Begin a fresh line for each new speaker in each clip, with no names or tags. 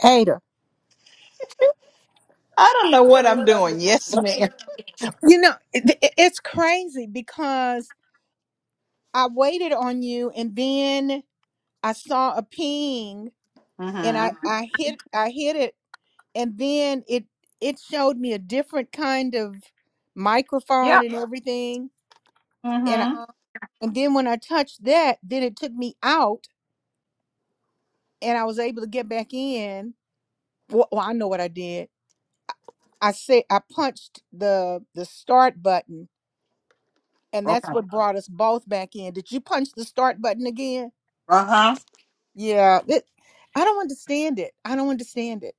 Hater.
I don't know what I'm doing. Yes, ma'am.
You know, it, it- it's crazy because I waited on you and then I saw a ping and
Mm-hmm.
I, Mhm. I hit I hit it and then it it showed me a different kind of microphone
Yep.
and everything and I, Mhm.
Mm-hmm.
and then when I touched that then it took me out and I was able to get back in. Well, well I know what I did. I said I punched the the start button and that's
Okay.
what brought us both back in. Did you punch the start button again?
Uh-huh.
Yeah, it, I don't understand it. I don't understand it.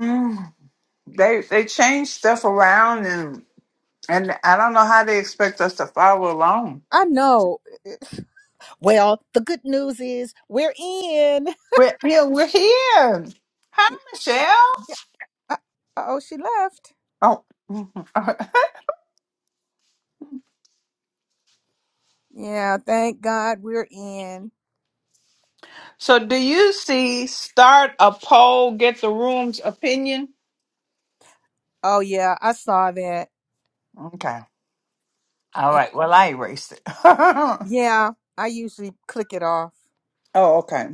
Mm. They they change stuff around and and I don't know how they expect us to follow along.
I know. Well, the good news is we're in.
We're here. We're here. Hi, Michelle.
uh, Oh, she left.
Oh. mhm.
Yeah, thank God we're in.
So, do you see start a poll, get the room's opinion?
Oh yeah, I saw that.
okay. All
And
right. Well, I erased it. oh,
yeah, I usually click it off.
okay.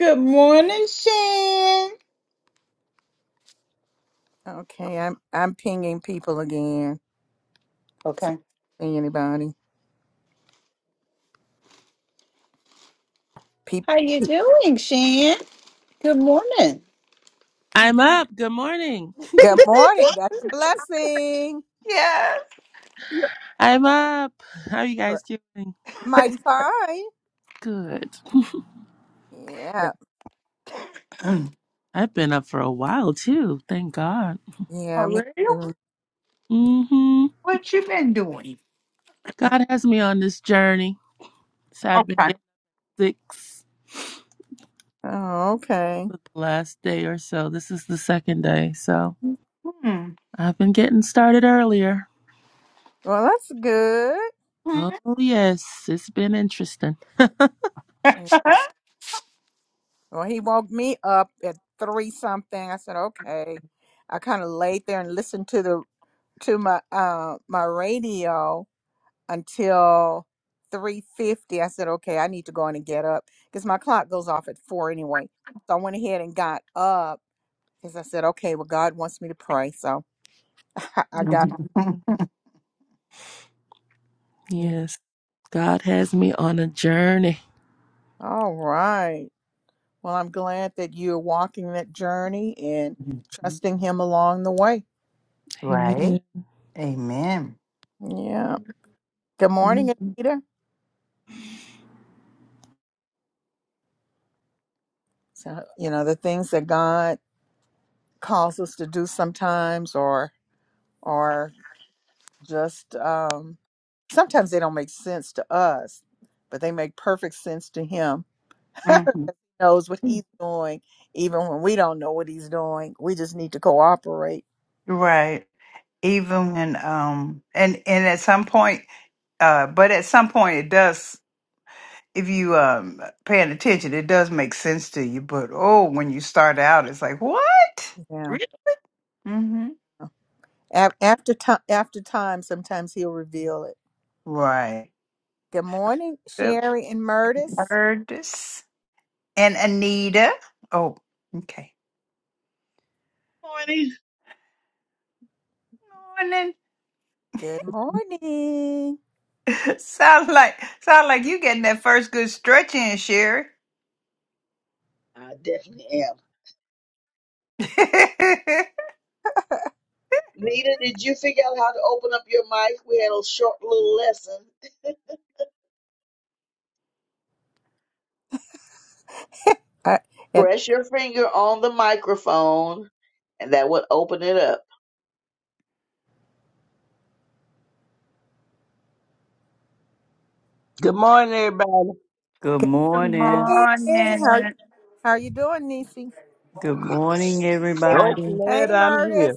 Good morning, Shan.
Okay, I'm I'm pinging people again. So,
Okay.
see anybody? Peep.
How you doing, Shan? Good morning.
I'm up. Good morning.
Good morning. That's a blessing.
Yes.
I'm up. How are you guys doing?
Mighty fine.
Good.
Yeah,
Mm.
I've been up for a while too. Thank God.
yeah, me too.
hmm
What you been doing?
God has me on this journey. So I've been
Okay.
getting sick for
Oh, okay.
the last day or so. This is the second day. So
Hmm.
I've been getting started earlier.
Well, that's good.
Hmm.
Oh, yes. It's been interesting.
Mm, Well, he woke me up at three something. I said, okay. I kind of laid there and listened to the to my uh my radio until three fifty. I said, okay, I need to go in and get up because my clock goes off at four anyway. So I went ahead and got up because I said, okay, well, God wants me to pray, so I
Mhm.
got. mm,
Yes. God has me on a journey.
All right. Well, I'm glad that you're walking that journey and trusting him along the way.
right.
Amen.
Amen.
Yeah. Good morning,
Mhm.
Anita. So, you know, the things that God calls us to do sometimes or or just um sometimes they don't make sense to us, but they make perfect sense to him.
hmm
knows what he's doing even when we don't know what he's doing. We just need to cooperate
Right. Even when um and and at some point uh but at some point it does if you um paying attention it does make sense to you but oh when you start out it's like what?
Yeah.
Really? Mhm.
A- after time, after time, sometimes he'll reveal it.
Right.
Good morning,
Yep.
Sherry and Murtis.
Heard this. and Anita. Oh, okay.
morning.
Morning.
Good morning.
Sound like sound like you getting that first good stretch in, Sherry.
I definitely am.
Good
Nita, did you figure out how to open up your mic? We had a short little lesson.
Uh, and
Press your finger on the microphone, and that would open it up.
Good morning, everybody.
Good
good
morning.
morning. How
morning.
how are you doing, Nisi?
Good morning,
So
everybody.
glad
Hey,
I'm here.
Murtis.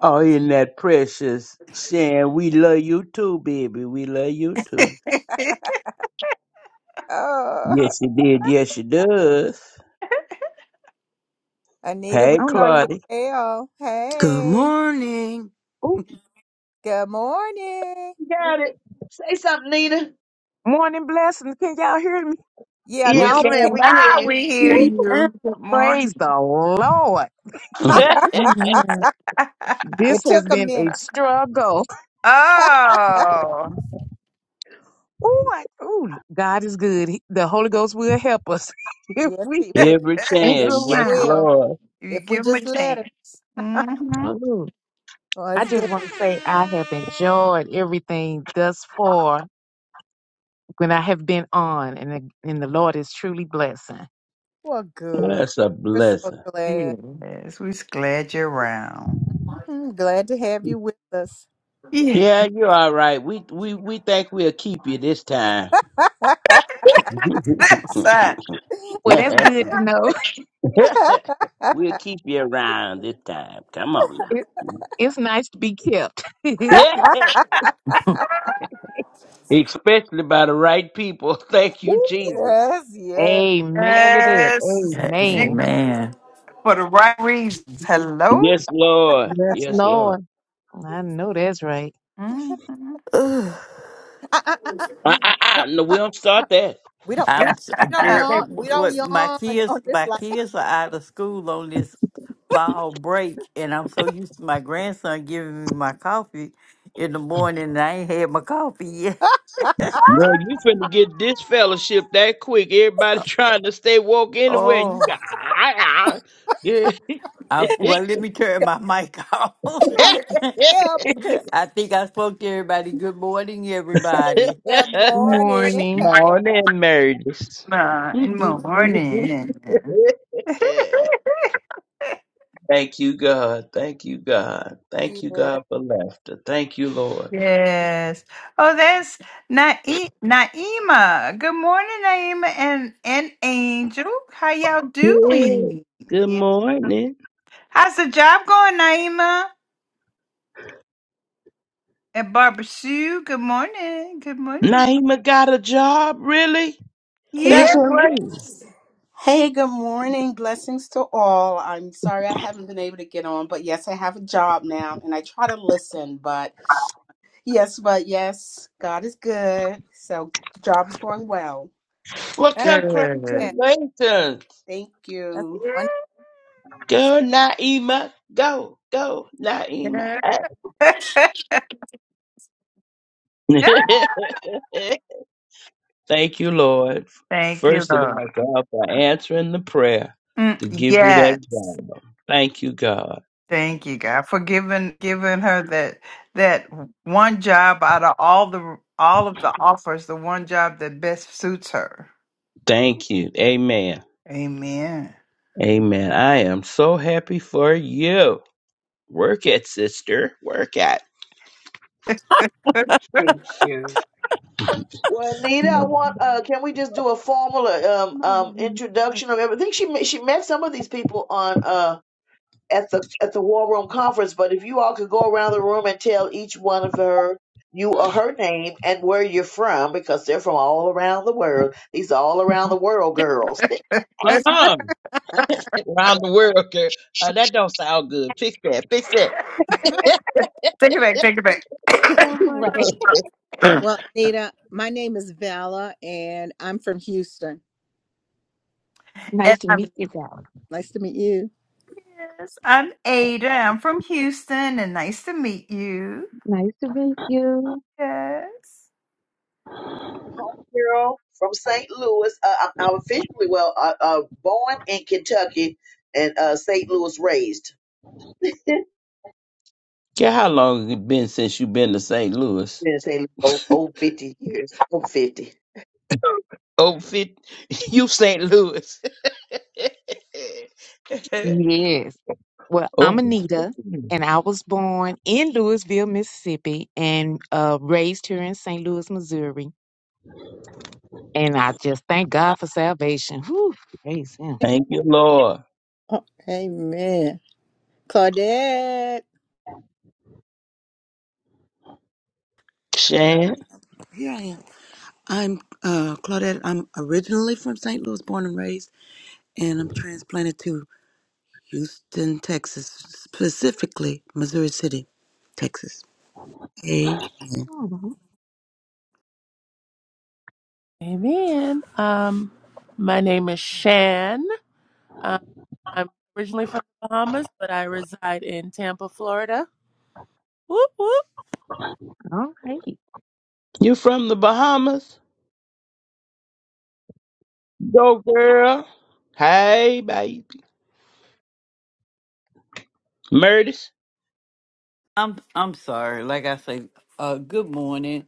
Oh, isn't that precious, Shan? We love you too, baby. We love you too.
Oh,
Yes, she did. Yes, she does.
Anita,
Hey,
we
I don't know.
saw your
Claudia.
bell.
Good
Hey,
morning.
Ooh,
good morning.
Got it. Say something, Nita.
morning blessings. Can y'all hear me?
Yeah,
We
no,
Yes,
we
ma'am.
can't.
came
We can
back.
hear
Ah,
you.
we hear
Here
Ooh,
you go.
you. Good
praise
morning.
the Lord. He- ooh,
Amen.
it
this
took
has
a
been a
minute.
struggle.
Oh,
Ooh, I, ooh, God is good. He- the Holy Ghost will help us if
Yes,
we
it will.
Every
think
Yes, it
chance. Yes,
if
around.
will.
Lord.
you
If we
give them a
just let him.
chance. Mm-hmm.
Ooh,
Well,
I
it's
just
good.
want to say I have enjoyed everything thus far when I have been on, and the, and the Lord is truly blessing.
Well, good.
That's a
We're so
blessing.
glad.
Yes, we're glad you're around.
Mhm, Glad to have you with us.
Yeah,
Yeah, you're all right. We we we think we'll keep you this time.
that's right.
Well, that's good to know.
we'll keep you around this time. Come on now.
It, it's nice to be kept. Ooh,
especially by the right people. Thank you, Jesus.
yes, yes.
amen to that.
Yes,
Amen.
and
Amen.
for the right reasons. Hello.
Yes, Lord.
Yes,
Yes, Lord.
Lord. I know that's right.
Mhm.
Uh, uh, uh, uh,
I,
No,
I,
no.
I, no, we
Uh,
don't
uh.
start that.
We don't we
I'm
don't
I,
we don't
girl.
They-
yawn we don't
What
yawn
my kids?
on this
My
line.
kids are out of school on this fall break, and I'm so used to my grandson giving me my coffee in the morning, and I ain't had my coffee yet.
Girl, you finna get this fellowship that quick. Everybody trying to stay woke anywhere, and you got.
Oh,
Ah, ah, ah. Yeah.
I, well, let me turn my mic off.
yeah, because
I think I spoke to everybody. Good morning, everybody.
good morning.
Morning.
no, and then marriages.
Ah, in the morning.
Thank you, God. Thank you, God. Thank you,
Yeah.
God, for laughter. Thank you, Lord.
Yes. Oh, that's Nae- Naima. Good morning, Naima and, and Angel. How y'all
Yeah.
doing?
Good
Yeah.
morning.
How's the job going, Naima? And Barbara Sue, good morning. Good morning.
Naima got a job, really?
Can you
That's
Yeah.
hear me?
great.
Hey, good morning. Blessings to all. I'm sorry I haven't been able to get on, but yes, I have a job now and I try to listen, but yes, but yes, God is good. So, job is going well.
Well,
Good.
congratulations.
Thank
That's
you.
Yeah.
Go, Naima. Go, go, Naima.
Yeah.
Thank you, Lord.
Thank you,
First of all,
Lord.
God, for answering the prayer
Mm,
to give you
yes.
that job. Thank you, God.
Thank you, God, for giving giving her that that one job out of all the all of the offers, the one job that best suits her.
Thank you. Amen.
Amen.
Amen. I am so happy for you. Work it, sister. Work it.
take
Thank you.
Well, Nita, I want. Uh, can we just do a formal uh, um
Mama
um
Jeanette.
introduction of everything? She met- she met some of these people on. uh. at the at the war room conference, but if you all could go around the room and tell each one of her you or her name and where you're from, because they're from all around the world. These are all around the world girls.
Uh-uh. around the world, girl. Uh, that don't sound good. Fix that. Fix that.
it back. Take it back.
Oh my
Right.
wonderful. Well, Anita, my name is Vala and I'm from Houston.
Nice
and
to
I'm
meet you, Valerie.
Nice to meet you.
yes, I'm Ada. I'm from Houston, and nice to meet you.
Nice to meet you.
Yes.
home Girl from St. Louis. Uh, I'm, I'm officially well uh, uh, born in Kentucky and uh, St. Louis raised. Been
Girl, how long it been since you been to St. Louis?
in St. Louis over, over 50 years. Over 50.
Oh, fit you St. Louis.
Yes. Well, I'm
oh,
Anita, and I was born in Louisville, Mississippi, and uh, raised here in St. Louis, Missouri. And I just thank God for salvation. Whew, praise Him.
thank you, Lord.
Oh, amen. Claudette
Shan,
Here I am. I'm uh, Claudette. I'm originally from St. Louis, born and raised, and I'm transplanted to Houston, Texas, specifically Missouri City, Texas. Amen.
Mhm.
Amen. Um, my name is Shan. Uh, I'm originally from the Bahamas, but I reside in Tampa, Florida. Whoop whoop.
All right,
you from the Bahamas? Go, girl. Hey, baby. Murdis.
I'm I'm sorry. Like I say, uh, good morning.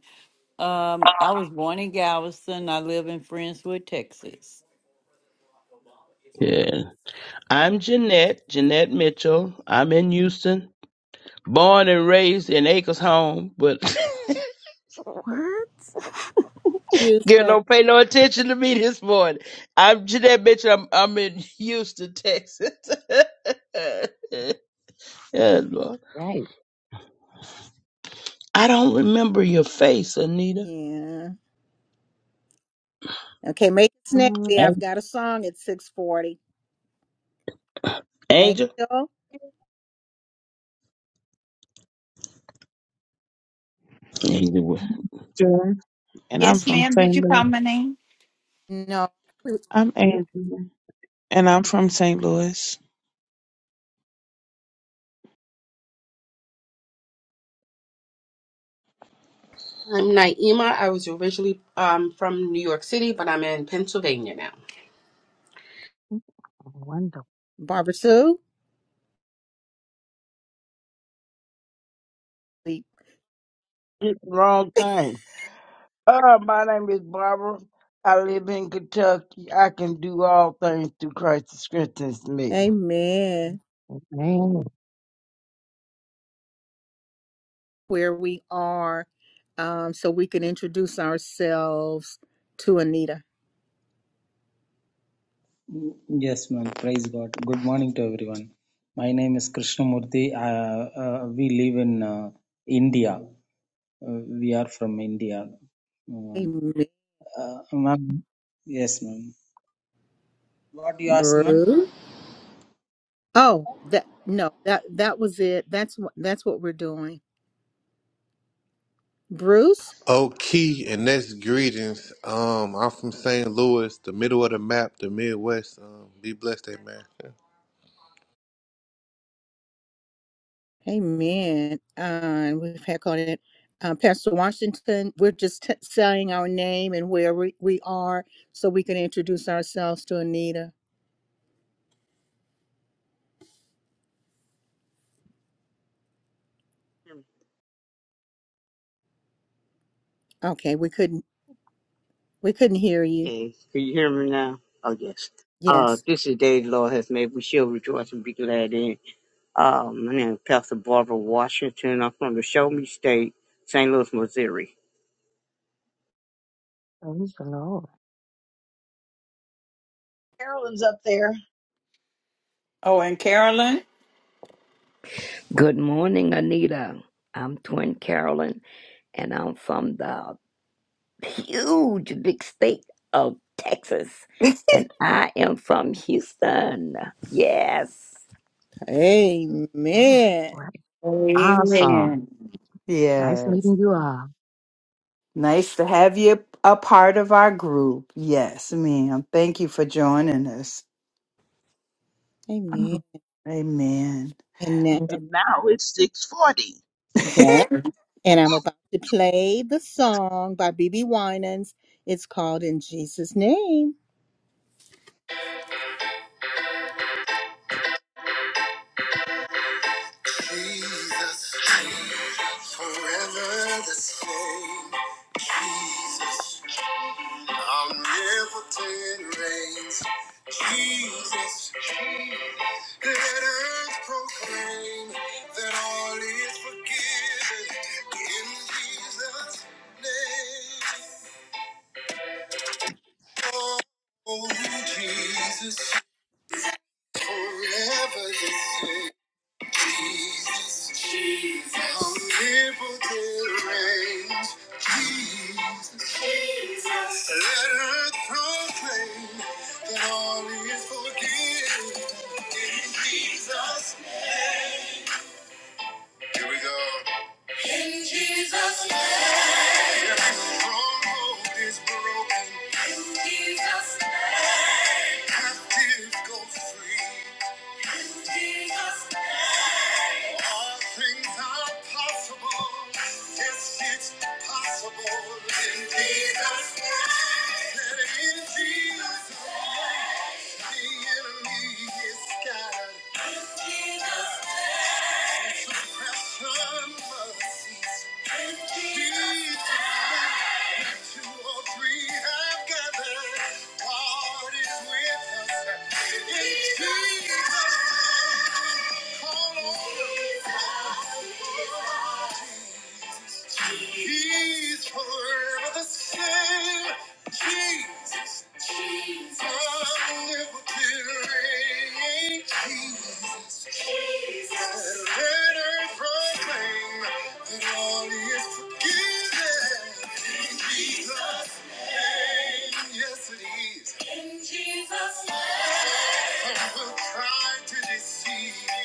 Um, I was born in Galveston. I live in Friendswood, Texas.
Yeah. I'm Jeanette, Jeanette Mitchell. I'm in Houston, born and raised in Acres Home, but
Word.
Girl,
Houston.
don't pay no attention to me this morning. I'm Jeanette Mitchell. I'm, I'm in Houston, Texas. Yeah, Lord.
right.
I don't remember your face, Anita.
Yeah. Okay, make it snappy.
Um,
I've
An-
got a song at 640.
Angel?
Angel?
Angel.
June, and I'm
Yes,
from
ma'am.
St.
Did you call
Louis.
my name?
No.
I'm Angela, and I'm from St. Louis.
I'm Naima. I was originally um, from New York City, but I'm in Pennsylvania now.
wonderful.
Barbara Sue? sleep.
did the wrong thing. Uh, my name is Barbara. I live in Kentucky. I can do all things through Christ who strengthens me.
Amen.
Man,
where we are um, so we can introduce ourselves to Anita.
Yes, ma'am. Praise God. Good morning to everyone. My name is Krishnamurthy. Uh, uh, we live in uh, India. Uh, we are from India. Um,
Amen.
uh, ma'am. Yes, ma'am. What you ask, ma'am?
Bruce. Oh, that no, that that was it. That's what that's what we're doing. Bruce.
Okay, and that's greetings. Um, I'm from St. Louis, the middle of the map, the Midwest. Um, be blessed, amen.
Amen. Uh, and we've had called it uh, Pastor Washington. We're just t- saying our name and where we, we are so we can introduce ourselves to Anita. Okay, we couldn't we couldn't hear you.
Okay, can you hear me now? Oh yes. Uh,
Yes.
this is the day the Lord has made. We shall rejoice and be glad in. it. Uh, my name is Pastor Barbara Washington. I'm from the Show Me State, St. Louis, Missouri.
praise the Lord.
Carolyn's up there.
Oh, and Carolyn.
Good morning, Anita. I'm Twin Carolyn, and I'm from the huge big state of Texas, and I am from Houston. Yes.
Amen.
Oh, Right. Awesome.
Amen.
Nice
Yes.
meeting you all.
Nice to have you a part of our group. Yes, ma'am. Thank you for joining us.
Amen.
Mhm. Amen.
And now,
And now it's 640.
yeah, and I'm about to play the song by B.B. Winans. It's called In Jesus' Name. Jesus, forever the same. Jesus. Omnipotent reigns, Jesus. Let earth proclaim that all is forgiven in Jesus' name. Oh, Jesus, forever the same. Here we go. Every stronghold is broken. Captives go free. All things are possible. Yes, it's possible in Jesus' name. That in Jesus' name, the enemy is scattered. Jesus' He's forever the same. Jesus, omnipotent, Jesus. Let earth proclaim that all is forgiven. In Jesus' name. Yes, it is. Some will try to deceive you,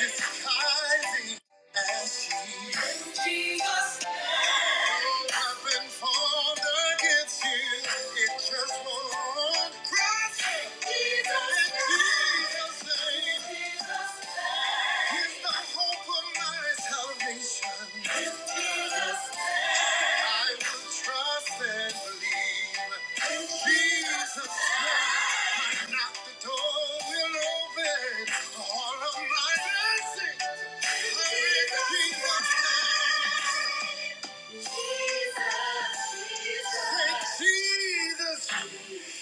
disguising as Jesus. Nothing formed against you. It just won't prosper. In Jesus' name is the hope of my salvation. It's Jesus. I will trust and believe. Jesus Christ, knock the door will open. All of my blessings are Jesus' Jesus, Jesus.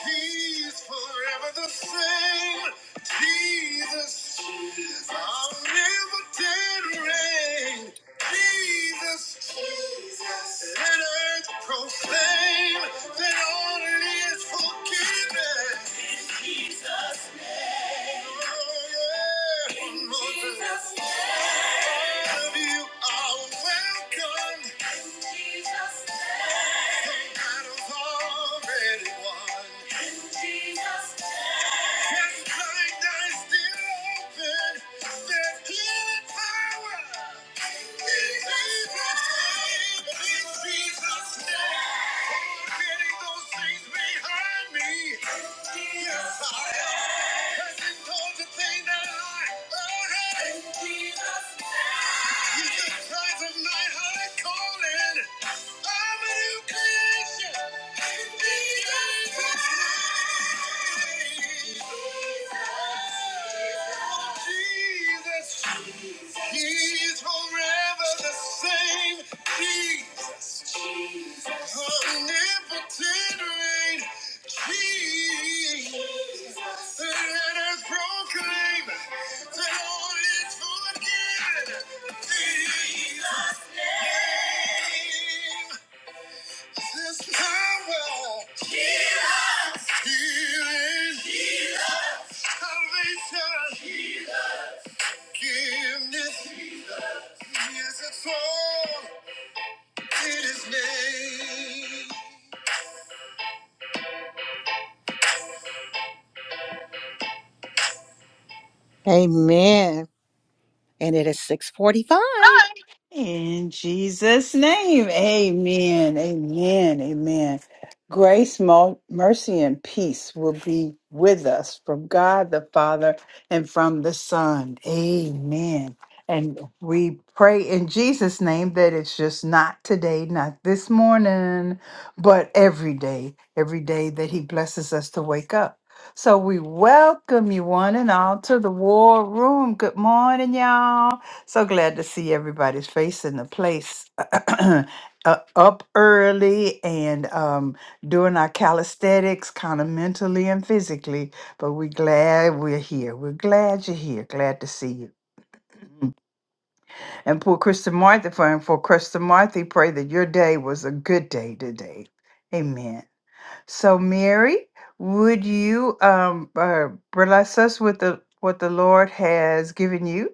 He's forever the same. Jesus, our liberty reign. Jesus, Jesus. Let earth proclaim that only is forgiven. Jesus' Oh, yeah. In Jesus' name. All of you are welcome. In Jesus' name. The battle's already won. In Jesus. name. Things that I, oh hey, Jesus, you just try to night. He's forever the same. Jesus. Omnipotent reign. Jesus. Yes, Amen. And it is 645.
In Jesus' name, amen, amen, amen. Grace, mo- mercy, and peace will be with us from God the Father and from the Son. Amen. And we pray in Jesus' name that it's just not today, not this morning, but every day, every day that He blesses us to wake up. So we welcome you one and all to the war room. Good morning, y'all. So glad to see everybody's face in the place. uh, up early and um, doing our calisthenics, kind of mentally and physically. But we're glad we're here. We're glad you're here. Glad to see you. And poor Krista Marthy, for and for Krista Marthy, pray that your day was a good day today. Amen. So, Mary, would you um, uh, bless us with the what the Lord has given you?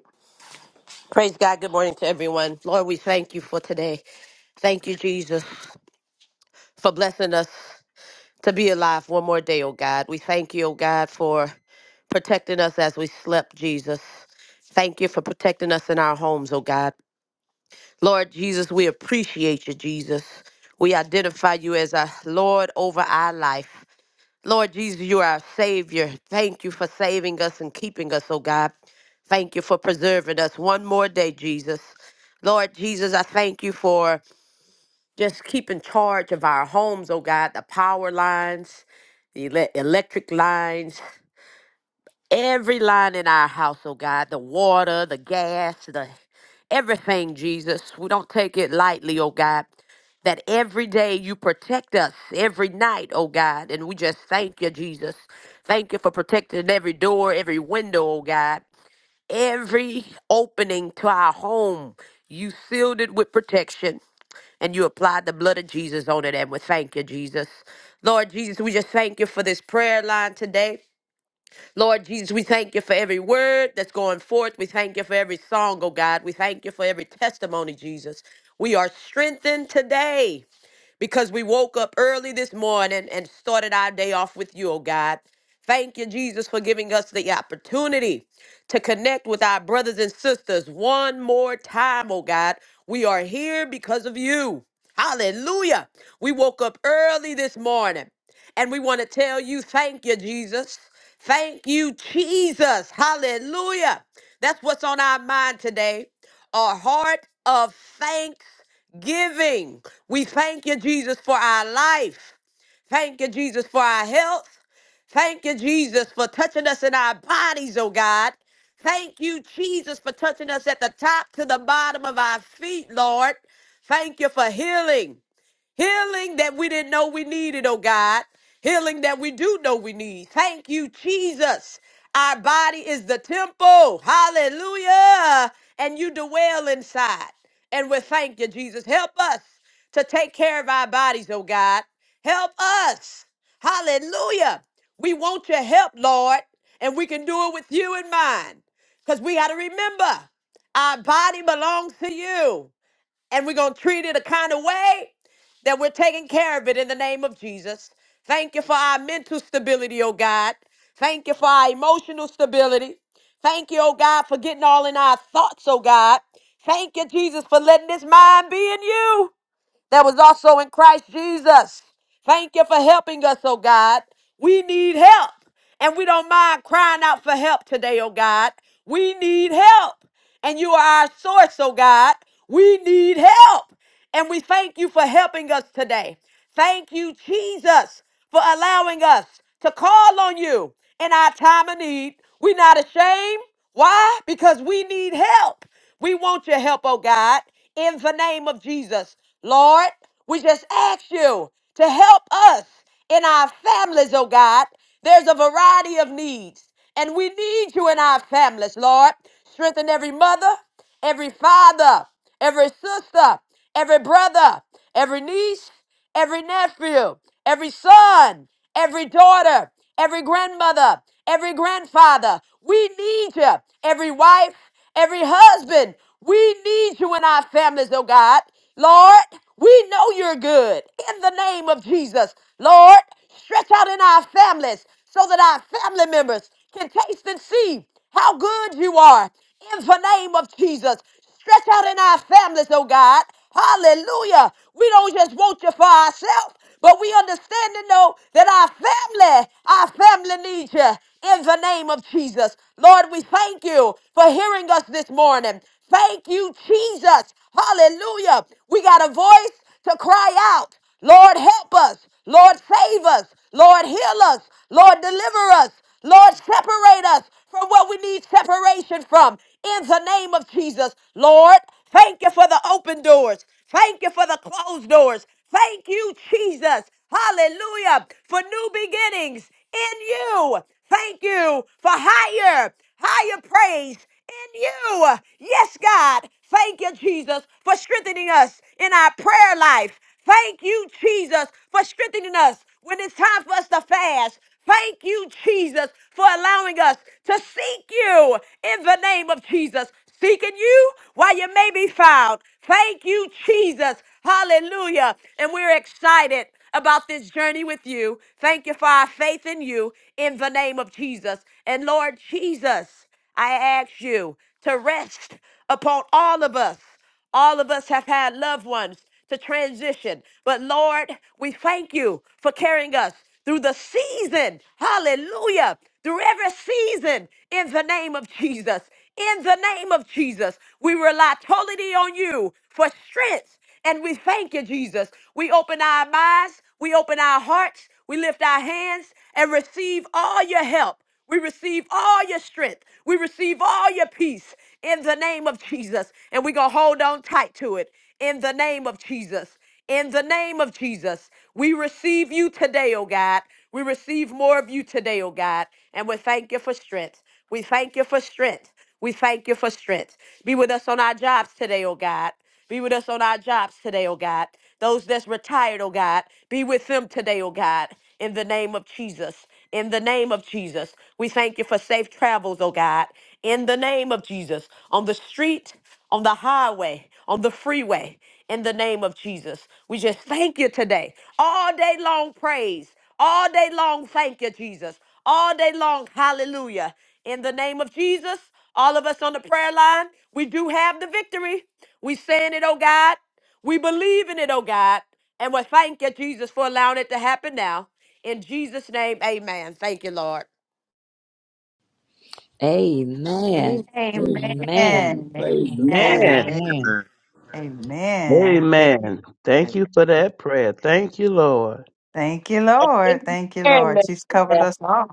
Amen.
Amen.
Amen.
Amen. Praise the
Amen.
Lord.
Man.
Amen.
Amen.
Amen.
Amen. Thank you.
Amen. Thank you for that prayer. Thank you, Lord.
Thank you, Lord. Thank you, Lord. She's
Yeah,
covered us all.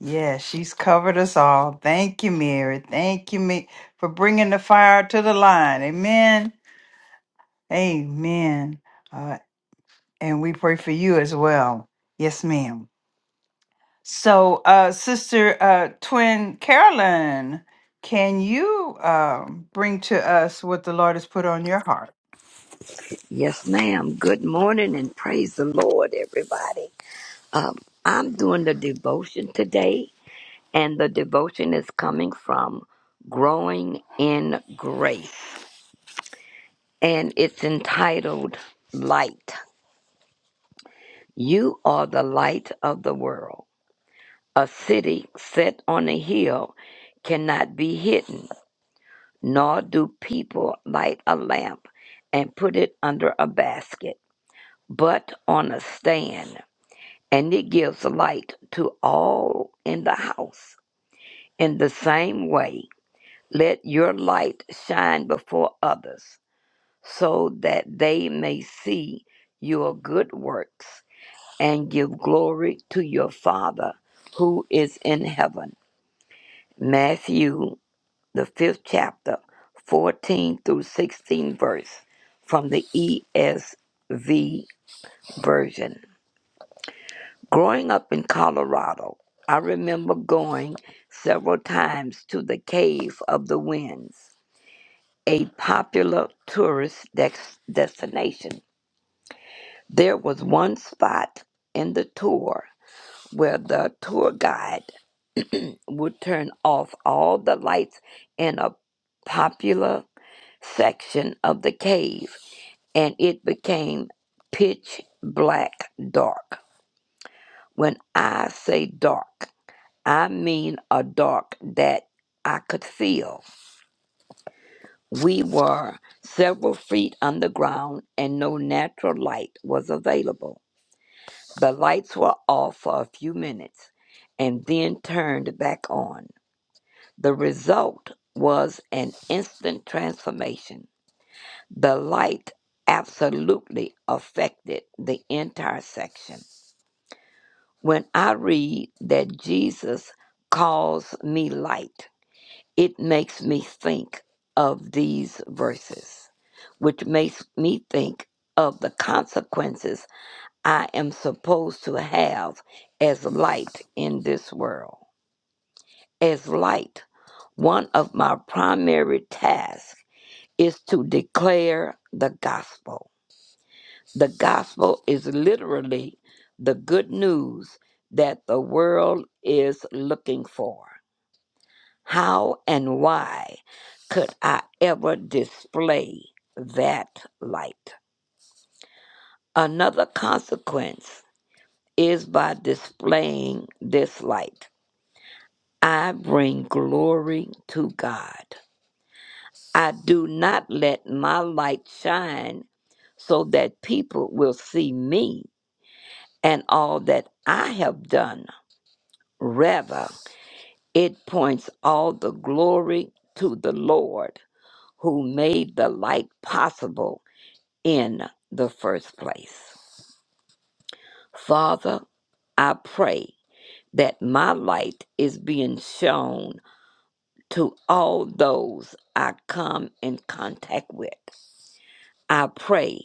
Yeah, she's covered us all. Thank you, Mary. Thank you, me, for bringing the fire to the line. Amen. Amen. Uh, and we pray for you as well. Yes, ma'am. So, uh, Sister uh, Twin Carolyn, can you um, bring to us what the Lord has put on your heart?
Yes, ma'am. Good morning, and praise the Lord, everybody. Um, I'm doing the devotion today, and the devotion is coming from Growing in Grace. and it's entitled Light. You are the light of the world. A city set on a hill cannot be hidden, nor do people light a lamp and put it under a basket, but on a stand, and it gives light to all in the house. In the same way, let your light shine before others, so that they may see your good works and give glory to your Father who is in heaven. Matthew, the fifth chapter, 14 through 16 verse from the ESV version. Growing up in Colorado, I remember going several times to the Cave of the Winds, a popular tourist dex- destination. There was one spot in the tour where the tour guide would turn off all the lights in a popular section of the cave, and it became pitch black dark. When I say dark, I mean a dark that I could feel. We were several feet underground and no natural light was available. The lights were off for a few minutes and then turned back on. The result was an instant transformation. The light absolutely affected the entire section. When I read that Jesus calls me light, it makes me think of these verses, which makes me think of the consequences I am supposed to have as light in this world. As light, one of my primary tasks is to declare the gospel. The gospel is literally the good news that the world is looking for. How and why could I ever display that light? Another consequence is by displaying this light, I bring glory to God. I do not let my light shine so that people will see me and all that I have done. Rather, it points all the glory to the Lord who made the light possible in the first place. Father, I pray that my light is being shown to all those I come in contact with. I pray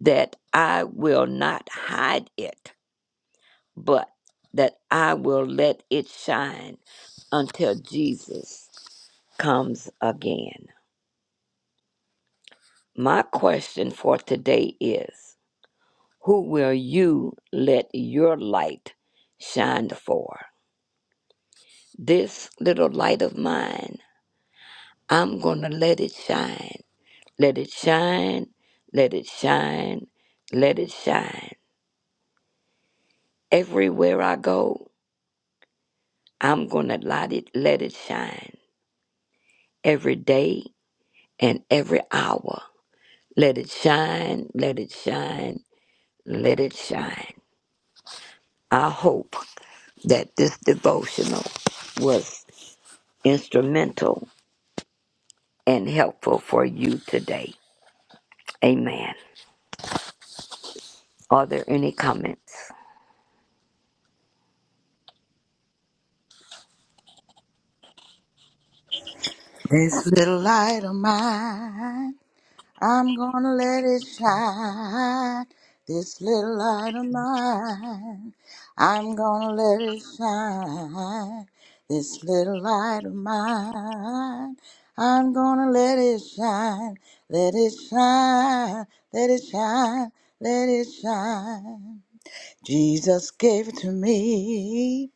that I will not hide it but that I will let it shine until Jesus comes again. My question for today is Who will you let your light shine for? This little light of mine, I'm going to let it shine. Let it shine, let it shine, let it shine. Everywhere I go, I'm going to let it, let it shine every day and every hour. Let it shine, let it shine, let it shine. I hope that this devotional was instrumental and helpful for you today. Amen. Are there any comments?
This little light of mine. I'm gonna let it shine, this little light of mine. I'm gonna let it shine, this little light of mine. I'm gonna let it shine, let it shine, let it shine, let it shine. Jesus gave it to me.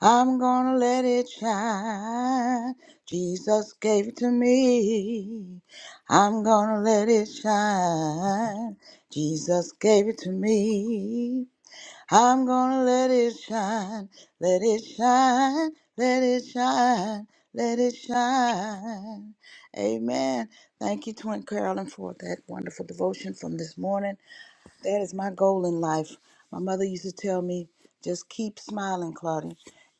I'm gonna let it shine. Jesus gave it to me. I'm gonna let it shine. Jesus gave it to me. I'm gonna let it shine. Let it shine. Let it shine. Let it shine. Amen. Thank you, Twin Carolyn, for that wonderful devotion from this morning. That is my goal in life. My mother used to tell me, just keep smiling, Claudia.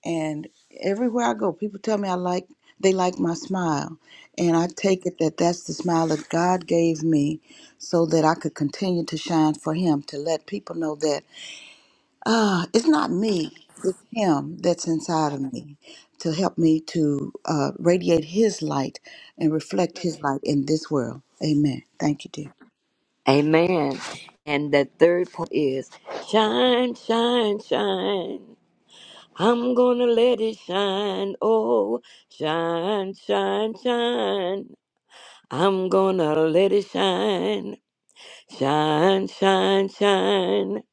And everywhere I go, people tell me I like they like my smile, and I take it that that's the smile that God gave me, so that I could continue to shine for Him, to let people know that ah, it's not me, it's Him that's inside of me, to help me to uh, radiate His light and reflect His light in this world. Amen. Thank you, dear.
Amen. And the third point is shine, shine, shine. I'm gonna let it shine. Oh, shine, shine, shine. I'm gonna let it shine. Shine, shine, shine.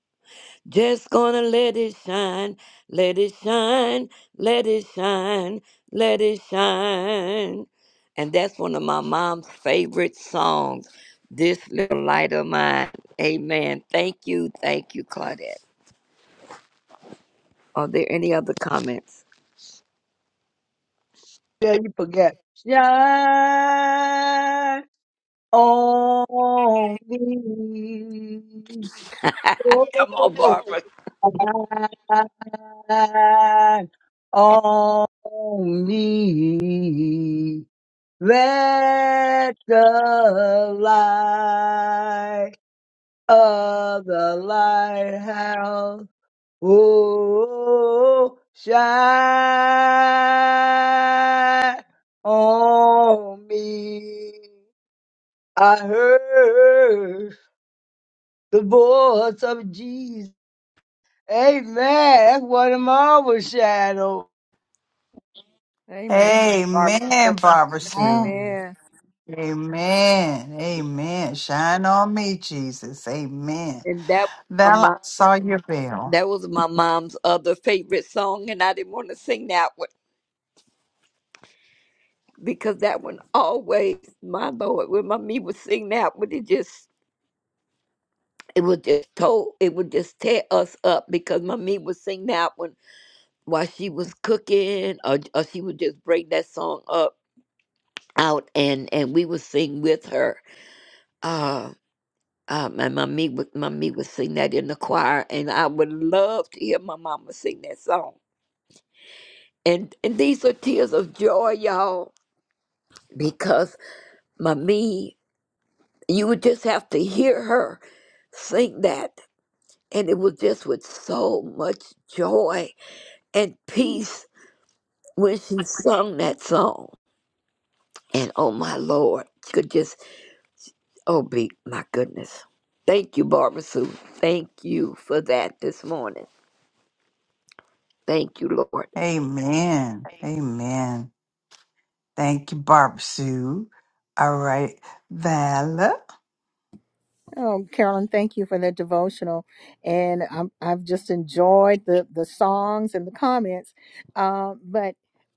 Just gonna let it shine, let it shine, let it shine, let it shine. And that's one of my mom's favorite songs. This little light of mine. Amen. Thank you, thank you, Claudette. Are there any other comments?
yeah, you forgot. Shine on me. Oh,
Come on, Barbara.
shine on me. Let the light of the lighthouse. Oh, shine on me. I heard the voice of Jesus. Amen. That's what the marvel shadow.
Amen, Barbara.
Amen, Barbara Sue.
Amen.
Amen.
Amen. Amen. Shine on me, Jesus. Amen.
And that was my
Val, I
mom.
saw your bell.
That was my mom's other favorite song, and I didn't want to sing that because that one always, my Lord, when mommy would sing that, but it just it would just told it would just tear us up because mommy would sing that one while she was cooking, or, or she would just bring that song up out and and we would sing with her. Uh, uh, my mommy would mommy would sing that in the choir, and I would love to hear my mama sing that song. And and these are tears of joy, y'all, because mommy. you would just have to hear her sing that and it was just with so much joy and peace when she sung that song and oh my lord she could just oh be my goodness thank you barbara sue thank you for that this morning thank you lord
Amen. Amen. Thank you, Barb Sue. All right, Val.
Oh, Carolyn, thank you for that devotional, and I'm, I've just enjoyed the the songs and the comments. Um, but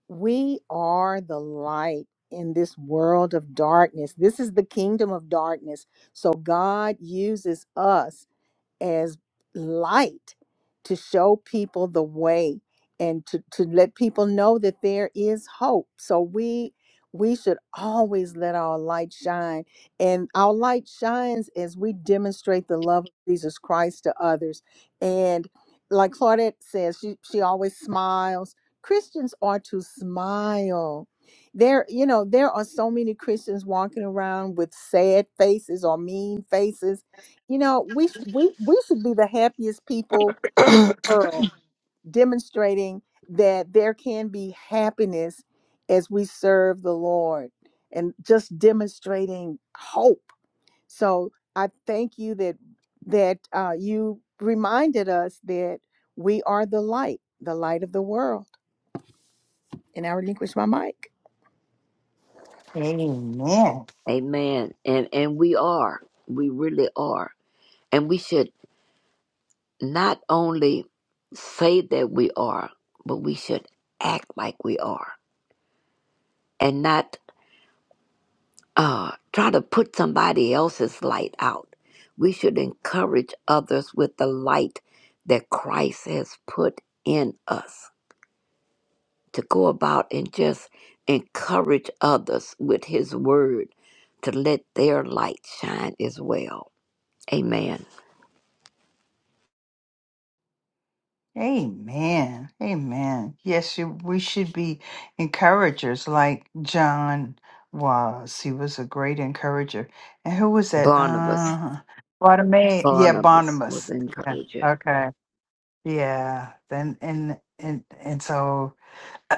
we are the light in this world of darkness. This is the kingdom of darkness. So God uses us as light to show people the way and to, to let people know that there is hope so we we should always let our light shine and our light shines as we demonstrate the love of jesus christ to others and like claudette says she, she always smiles christians are to smile there you know there are so many christians walking around with sad faces or mean faces you know, we sh- we we should be the happiest people in the world, demonstrating that there can be happiness as we serve the Lord, and just demonstrating hope. So I thank you that that uh, you reminded us that we are the light, the light of the world. And I relinquish my mic.
Amen.
amen and and we are we really are and we should not only say that we are but we should act like we are and not uh, try to put somebody else's light out. We should encourage others with the light that Christ has put in us to go about and just encourage others with his word to let their light shine as well. Amen.
Amen. Amen. Yes, you, we should be encouragers like John was. He was a great encourager. And who was that?
Barnabas,
Uh, Bartimaeus. Yeah,
Barnabas was
Barnabas.
an
Yeah.
encourager.
Okay. Yeah, then and and and so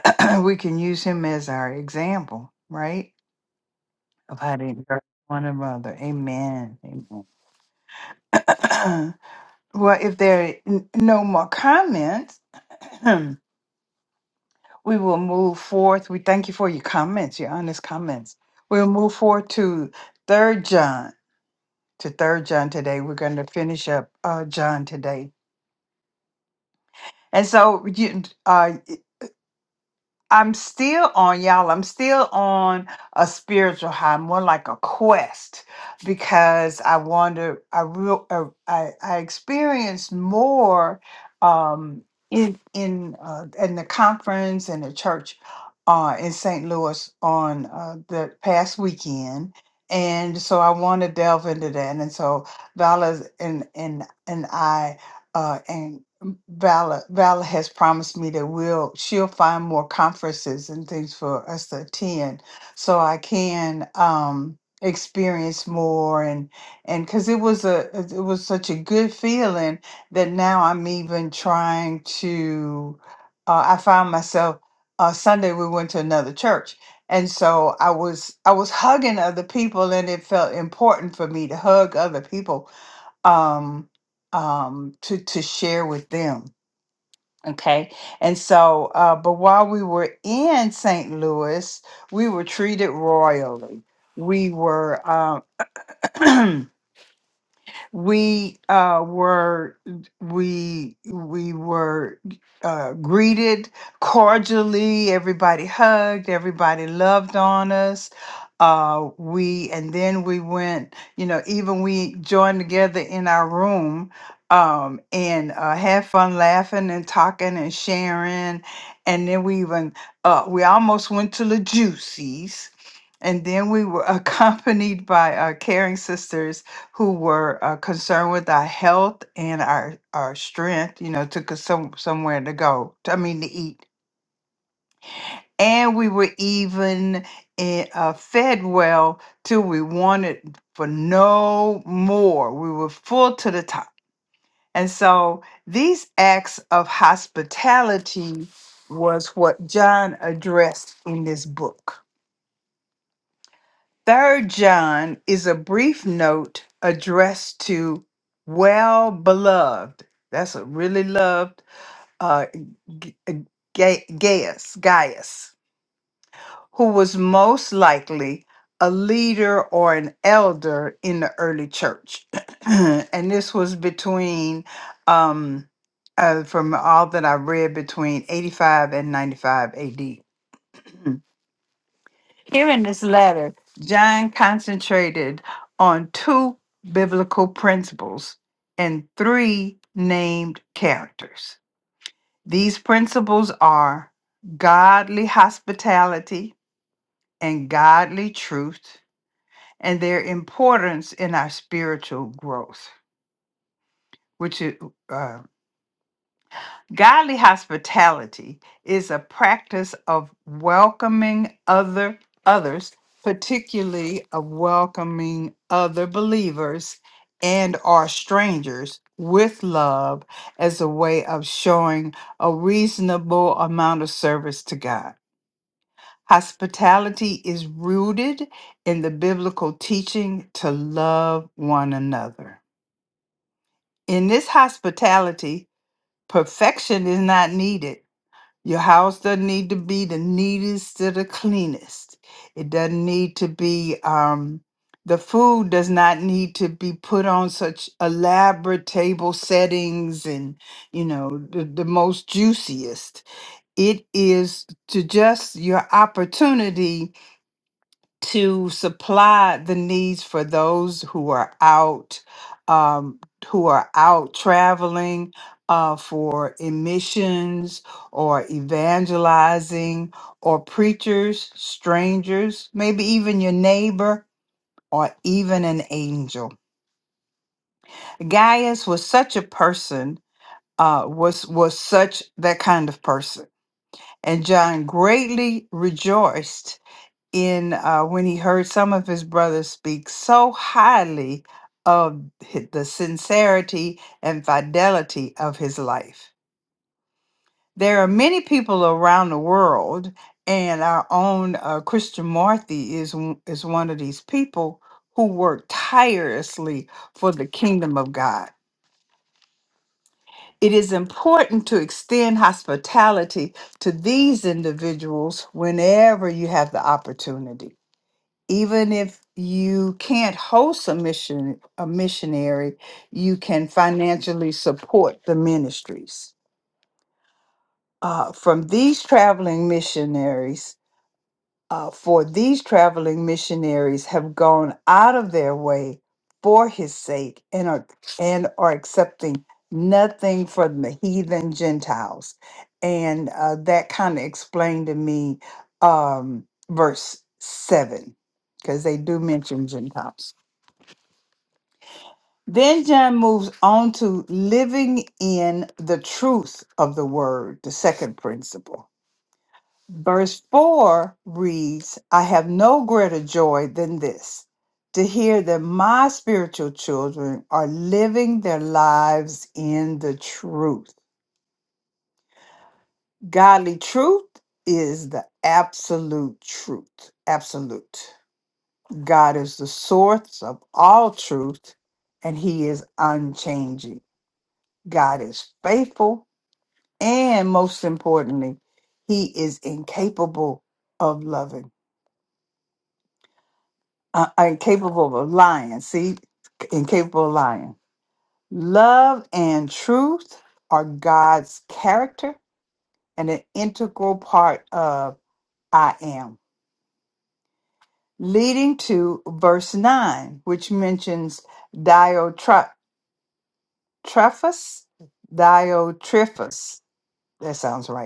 we can use him as our example, right? Of how to encourage one another. Amen. Amen. Well, if there are n- no more comments, we will move forth. We thank you for your comments, your honest comments. We'll move forward to Third John. To Third John today, we're going to finish up uh, John today. And so, you, uh, I'm still on y'all. I'm still on a spiritual high, more like a quest, because I wonder. I real. Uh, I I experienced more um, in in uh, in the conference and the church uh, in St. Louis on uh, the past weekend, and so I want to delve into that. And so Vala's and and and I uh, and Vala Vala has promised me that we'll she'll find more conferences and things for us to attend, so I can um, experience more and and because it was a it it was such a good feeling that now I'm even trying to. Uh, I found myself uh, Sunday we went to another church. And so I was I was hugging other people and it felt important for me to hug other people um, um, to to share with them. Okay, and so, uh, but while we were in St. Louis, we were treated royally. We were. Um, we uh, were we we were uh, greeted cordially. Everybody hugged. Everybody loved on us. Uh, we and then we went. You know, even we joined together in our room um, and uh, had fun laughing and talking and sharing. And then we even uh, we almost went to the Juicies. And then we were accompanied by our caring sisters who were uh, concerned with our health and our our strength. You know, took us some somewhere to go. I mean, to eat, and we were even eh, uh, fed well till we wanted for no more. We were full to the top, and so these acts of hospitality was what John addressed in this book. Third John is a brief note addressed to well beloved. That's a really loved uh, G- Ga- Gaius, Gaius, who was most likely a leader or an elder in the early church, and this was between, um, uh, from all that I read, between eighty-five and ninety-five A.D. Here in this letter, John concentrated on two biblical principles and three named characters. These principles are godly hospitality and godly truth, and their importance in our spiritual growth, which is uh, Godly hospitality is a practice of welcoming other others, particularly of welcoming other believers and or strangers with love as a way of showing a reasonable amount of service to God. Hospitality is rooted in the biblical teaching to love one another. In this hospitality, perfection is not needed your house doesn't need to be the neatest or the cleanest. It doesn't need to be, um, the food does not need to be put on such elaborate table settings and, you know, the, the most juiciest. It is to just your opportunity to supply the needs for those who are out um, who are out traveling uh, for emissions or evangelizing or preachers strangers maybe even your neighbor or even an angel gaius was such a person uh, was was such that kind of person and john greatly rejoiced in uh, when he heard some of his brothers speak so highly of hi- the sincerity and fidelity of his life. There are many people around the world, and our own uh, Christian Marthy is one- is one of these people who work tirelessly for the kingdom of God. It is important to extend hospitality to these individuals whenever you have the opportunity. even if you can't host a mission a missionary you can financially support the ministries uh, from these traveling missionaries uh, for these traveling missionaries have gone out of their way for his sake and are and are accepting nothing from the heathen gentiles and uh, that kind of explained to me um, verse 7 because they do mention gentiles Then John moves on to living in the truth of the word, the second principle. Verse 4 reads, I have no greater joy than this, to hear that my spiritual children are living their lives in the truth. Godly truth is the absolute truth. Absolute. God is the source of all truth, and He is unchanging. God is faithful And most importantly, he is incapable of loving, uh, uh, incapable of lying. See, incapable of lying. Love and truth are God's character and an integral part of I am. Leading to verse 9, which mentions Diotrephes. Diotrephes. That sounds right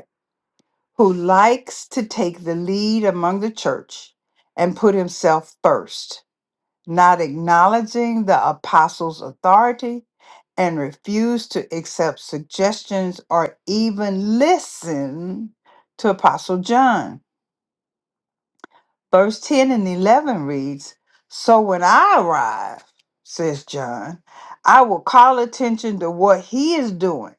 who likes to take the lead among the church and put himself first, not acknowledging the apostles' authority and refuse to accept suggestions or even listen to Apostle John. Verse 10 and 11 reads So when I arrive, says John, I will call attention to what he is doing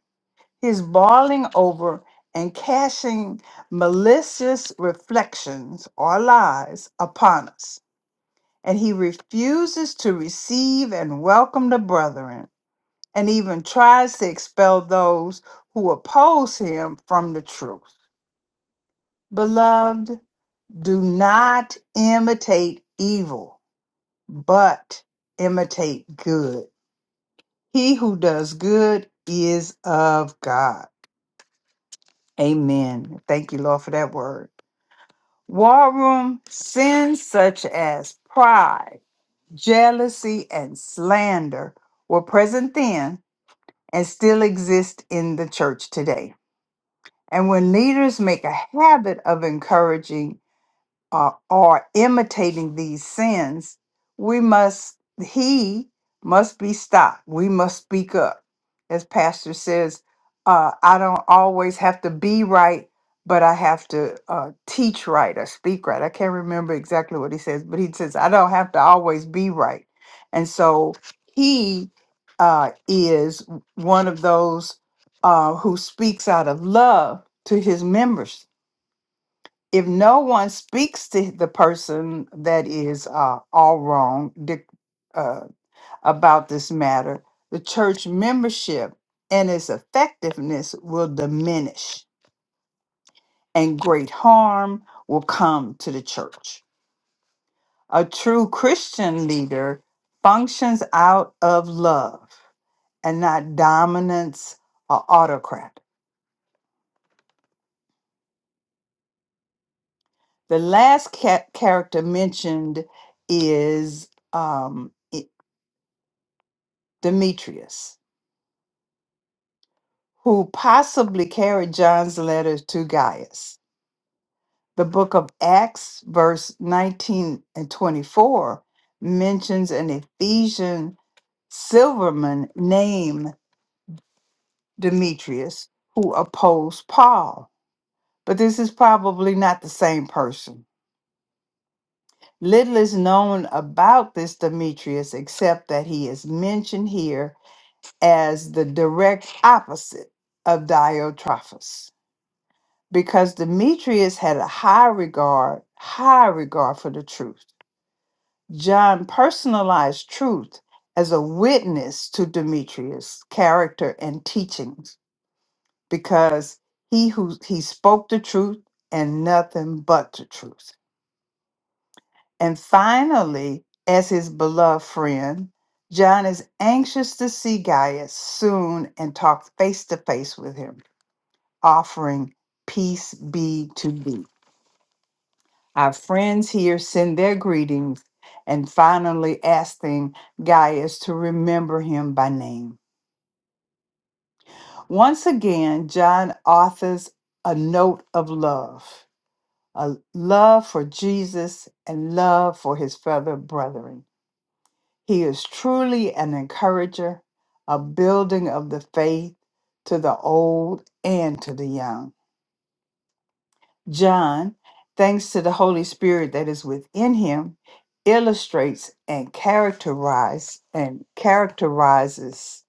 his boiling over and cashing malicious reflections or lies upon us. And he refuses to receive and welcome the brethren, and even tries to expel those who oppose him from the truth. Beloved, do not imitate evil, but imitate good. He who does good is of God. Amen. Thank you, Lord, for that word. War room sins such as pride, jealousy, and slander were present then and still exist in the church today. And when leaders make a habit of encouraging uh, are imitating these sins, we must, he must be stopped. We must speak up. As Pastor says, uh, I don't always have to be right, but I have to uh, teach right or speak right. I can't remember exactly what he says, but he says, I don't have to always be right. And so he uh, is one of those uh, who speaks out of love to his members if no one speaks to the person that is uh, all wrong dic- uh, about this matter, the church membership and its effectiveness will diminish, and great harm will come to the church. A true Christian leader functions out of love and not dominance or autocrat. The last ca- character mentioned is um, I- Demetrius. who possibly carried John's letter to Gaius. The book of Acts, verse 19 and 24, mentions an Ephesian silverman named Demetrius who opposed Paul. But this is probably not the same person. Little is known about this Demetrius except that he is mentioned here as the direct opposite of Diotrephes. because Demetrius had a high regard, high regard for the truth. John personalized truth as a witness to Demetrius' character and teachings because he who he spoke the truth and nothing but the truth. And finally, as his beloved friend, John is anxious to see Gaius soon and talk face to face with him, offering peace be to thee. Our friends here send their greetings and finally asking Gaius to remember him by name. Once again, John authors a note of love, a love for Jesus and love for his fellow brethren. He is truly an encourager, a building of the faith to the old and to the young. John, thanks to the Holy Spirit that is within him, illustrates and characterize and characterizes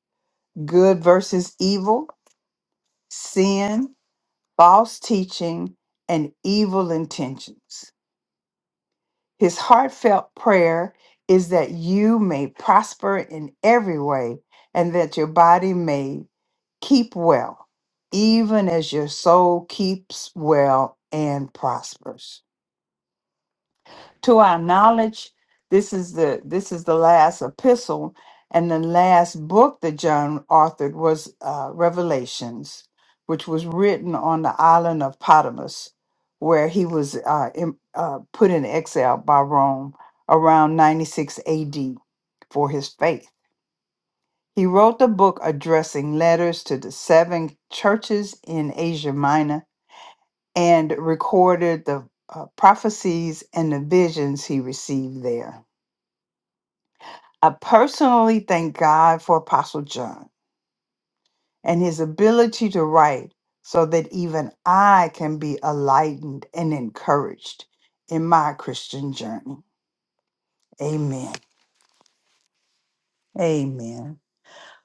good versus evil, sin, false teaching, and evil intentions. His heartfelt prayer is that you may prosper in every way and that your body may keep well, even as your soul keeps well and prospers. to our knowledge this is the this is the last epistle and the last book that john authored was uh, revelations which was written on the island of Patmos, where he was uh, in, uh, put in exile by rome around 96 ad for his faith he wrote the book addressing letters to the seven churches in asia minor and recorded the uh, prophecies and the visions he received there I personally thank God for Apostle John and his ability to write so that even I can be enlightened and encouraged in my Christian journey. Amen. Amen.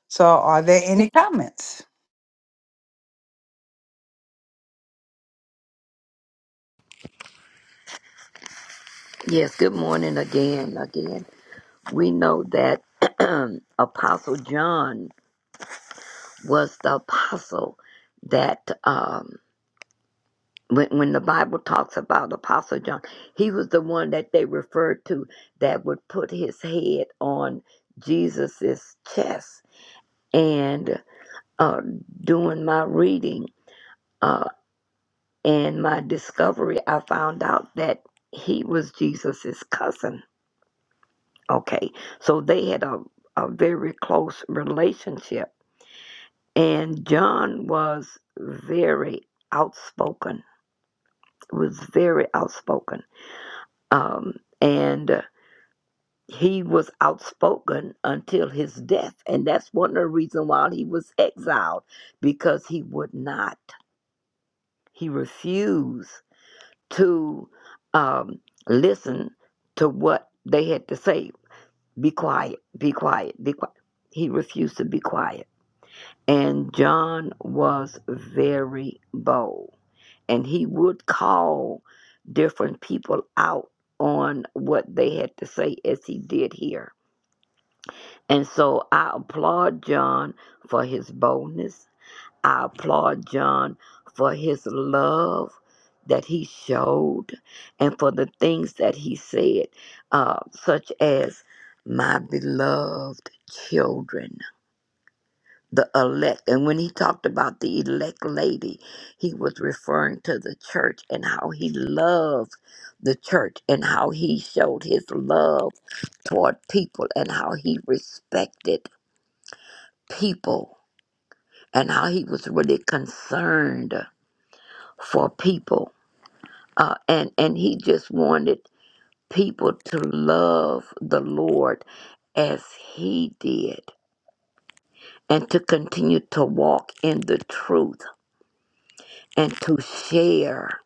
So, are there any comments?
Yes, good morning again, again. We know that Apostle John was the apostle that um, when, when the Bible talks about Apostle John, he was the one that they referred to that would put his head on Jesus's chest. And uh, doing my reading uh, and my discovery, I found out that he was Jesus's cousin. Okay, so they had a, a very close relationship, and John was very outspoken. Was very outspoken. Um, and he was outspoken until his death and that's one of the reasons why he was exiled because he would not he refused to um, listen to what they had to say be quiet be quiet be quiet he refused to be quiet and john was very bold and he would call different people out on what they had to say as he did here And so I applaud John for his boldness. I applaud John for his love that he showed and for the things that he said, uh, such as, My beloved children, the elect. And when he talked about the elect lady, he was referring to the church and how he loved the church and how he showed his love toward people and how he respected people and how he was really concerned for people. Uh, and, and he just wanted people to love the Lord as he did and to continue to walk in the truth and to share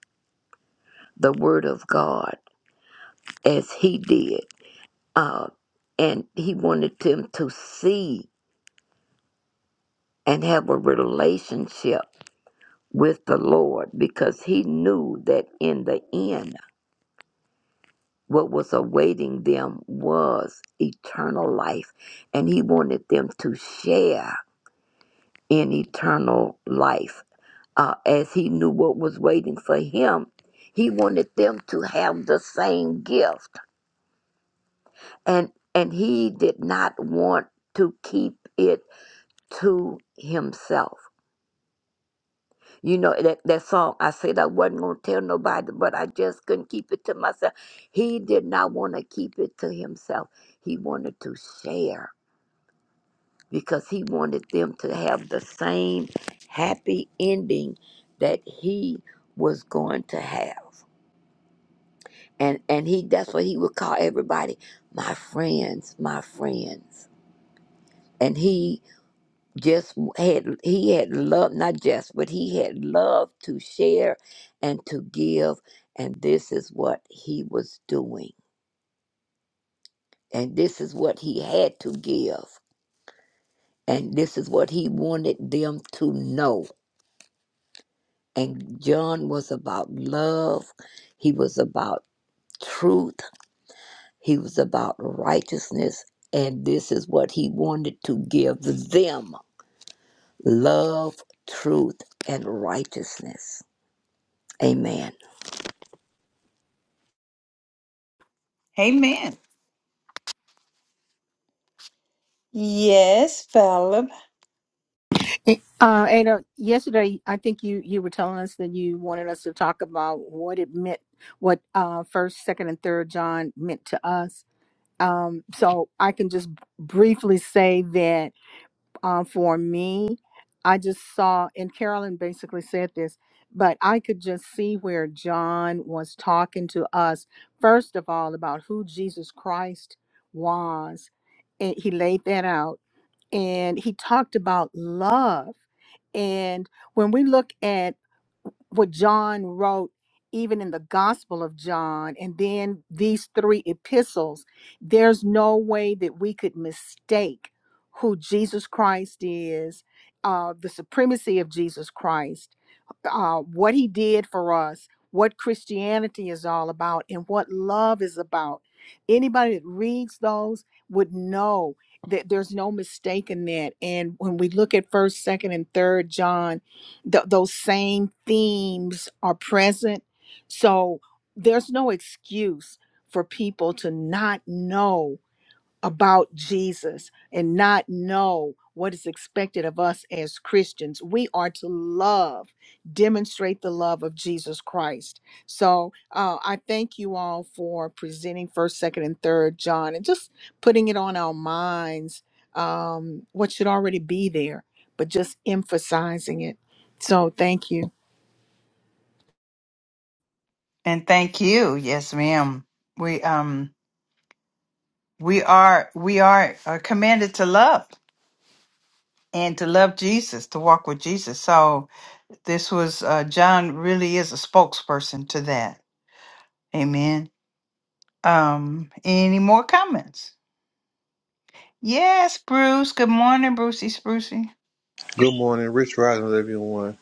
the word of God as he did. Uh, and he wanted them to see and have a relationship with the Lord because he knew that in the end, What was awaiting them was eternal life, and he wanted them to share in eternal life. Uh, as he knew what was waiting for him, he wanted them to have the same gift, and and he did not want to keep it to himself. You know that that song. I said I wasn't gonna tell nobody, but I just couldn't keep it to myself. He did not want to keep it to himself. He wanted to share because he wanted them to have the same happy ending that he was going to have. And and he that's what he would call everybody, my friends, my friends. And he just had he had love not just, but he had love to share and to give and this is what he was doing. And this is what he had to give. And this is what he wanted them to know And John was about love, he was about truth, he was about righteousness. And this is what he wanted to give them love, truth, and righteousness. Amen.
Amen. Yes, Philip.
Eh, Uh, Ada, yesterday I think you you were telling us that you wanted us to talk about what it meant, what uh first, second, and third John meant to us. Um, so I can just briefly say that uh, for me, I just saw, and Carolyn basically said this, but I could just see where John was talking to us first of all about who Jesus Christ was, and he laid that out and he talked about love. And when we look at what John wrote, even in the Gospel of John, and then these three epistles, there's no way that we could mistake who Jesus Christ is, uh, the supremacy of Jesus Christ uh, what he did for us, what Christianity is all about, and what love is about. Anybody that reads those would know that there's no mistake in that. And when we look at First, Second, and Third John, th- those same themes are present. So there's no excuse for people to not know about Jesus and not know what is expected of us as Christians. We are to love, demonstrate the love of Jesus Christ. So uh, I thank you all for presenting first, second, and third John and just putting it on our minds um, what should already be there, but just emphasizing it. So thank you.
And thank you. Yes, ma'am. We um we are we are, are commanded to love and to love Jesus, to walk with Jesus. So, this was uh, John really is a spokesperson to that. Amen. Um, any more comments? Yes, Bruce. Good morning, Brucey Sprucey.
Good morning, Rich Rising, everyone.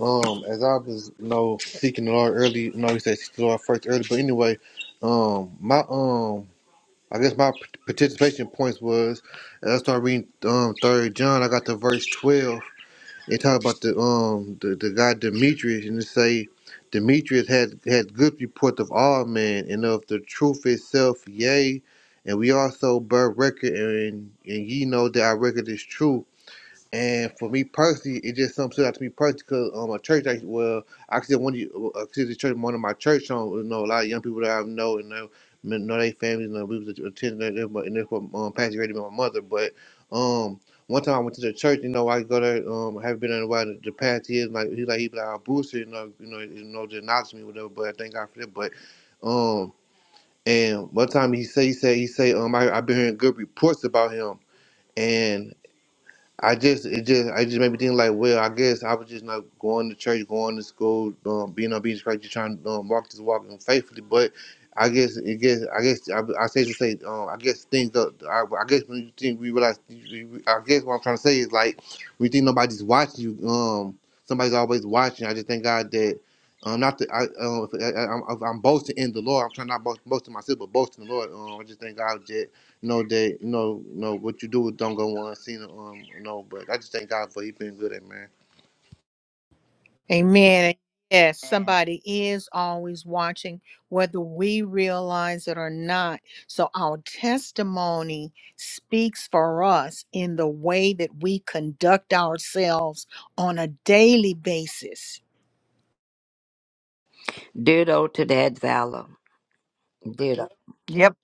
Um, as I was, you know, seeking the Lord early, you know, he said seek the Lord first early. But anyway, um, my um, I guess my participation points was as I started reading um Third John, I got to verse twelve, They talk about the um the, the guy Demetrius and they say Demetrius had had good report of all men and of the truth itself, yea. And we also bear record and and ye know that our record is true. And for me personally, it just something stood out to me personally because um, a church, I, well, I consider one of you, I consider the church one of my church home. You know, a lot of young people that I know and know, know their families, and you know, we was attending that, and that's what um, Pastor Grady and my mother. But um, one time I went to the church, you know, I go there, um, I haven't been there in a while. The, the past years, like he like he be like a booster, you know, you know, you know, just knowledge me, whatever. But I thank God for that. But um, and one time he say he say he say um, I I've been hearing good reports about him. and. I just it just I just made me think like, well, I guess I was just not going to church, going to school, um, being on being Christ, just trying to um, walk this walk and faithfully. But I guess it guess I guess I, I say to say um, I guess things uh, I, I guess when you think we realize I guess what I'm trying to say is like we think nobody's watching you. Um, somebody's always watching. I just thank God that. Um, not that I, um, if I, I, I'm, I'm boasting in the Lord. I'm trying not to boast, boast in myself, but boasting in the Lord. Um, I just thank God that no, they no no what you do with don't go unseen. Um, no, but I just thank God for you being good at man.
Amen. Yes, somebody is always watching, whether we realize it or not. So our testimony speaks for us in the way that we conduct ourselves on a daily basis.
Ditto to that valor. Ditto.
Yep.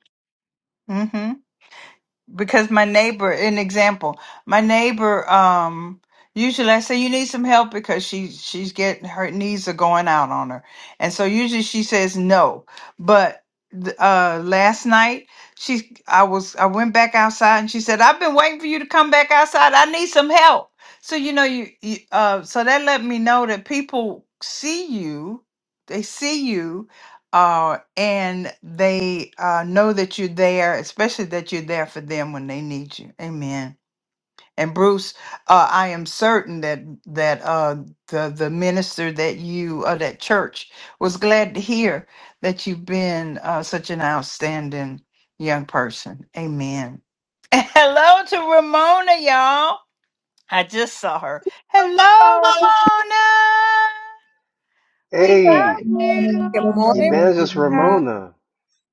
because my neighbor an example my neighbor um usually i say you need some help because she she's getting her knees are going out on her and so usually she says no but th- uh last night she i was i went back outside and she said i've been waiting for you to come back outside i need some help so you know you, you uh so that let me know that people see you they see you uh, and they uh, know that you're there, especially that you're there for them when they need you. Amen. And Bruce, uh, I am certain that that uh, the the minister that you uh, that church was glad to hear that you've been uh, such an outstanding young person. Amen. Hello to Ramona, y'all. I just saw her. Hello,
Good
Ramona. We
Oh,
Hey,
love
good morning.
Good
Good
you.
morning,
morning. Good
Evangelist
morning.
Rhonda.
Ramona.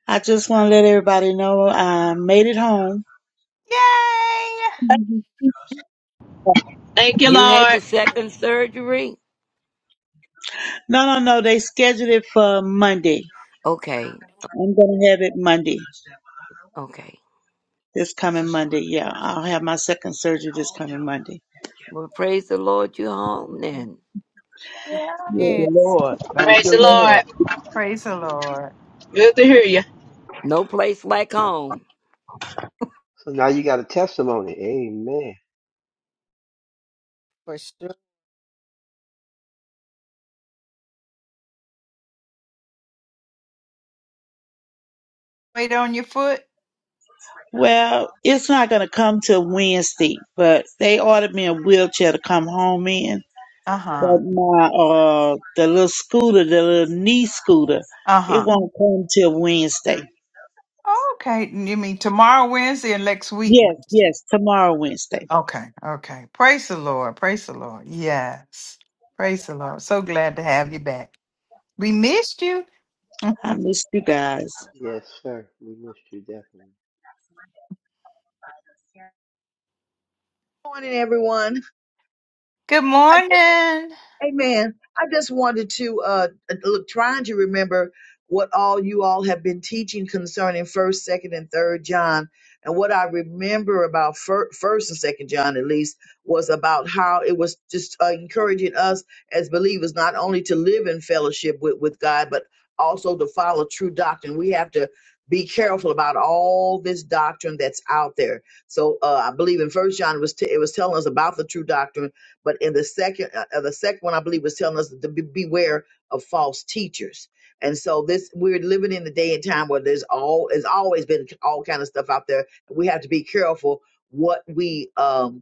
I just want to let everybody know I made it home. No,
Thank you,
You had
Lord.
the second surgery?
no, no. They scheduled it for Monday.
Okay,
I'm going to have it Monday,
okay.
this coming Monday. Yeah, I'll have my second surgery this coming Monday.
Well, praise the Lord, you're home then.
Yay.
Thank
Yeah,
Yes.
you, Lord. Thank
Praise
you,
the
Mhm.
Lord.
Lord.
Praise the Lord.
Good to hear you.
No place like home.
So now you got a testimony. Amen.
for sure.
Wait on your foot?
Well, it's not going to come till Wednesday, but they ordered me a wheelchair to come home in.
Uh
But
huh.
my, uh, the little scooter, the little knee scooter,
Uh
it
huh.
won't come till Wednesday.
Okay. You mean tomorrow, Wednesday, and next week,
Yes,
Wednesday?
yes, tomorrow, Wednesday.
Okay. Okay. Praise the Lord. Praise the Lord. Yes. Praise the Lord. So glad to have you back. We missed you.
I
Good
missed you guys.
Yes, sir. We missed you definitely.
morning, everyone.
morning.
Amen. I just wanted to uh look trying to remember what all you all have been teaching concerning first, second, and third John. And what I remember about fir- first and second John at least was about how it was just uh, encouraging us as believers not only to live in fellowship with, with God, but also to follow true doctrine. We have to be careful about all this doctrine that's out there. So uh, I believe in First John it was t- it was telling us about the true doctrine but in the second, uh, uh, the second one, I believe, was telling us to be, beware of false teachers. And so this, we're living in the day and time where there's all, there's always been all kind of stuff out there. We have to be careful what we um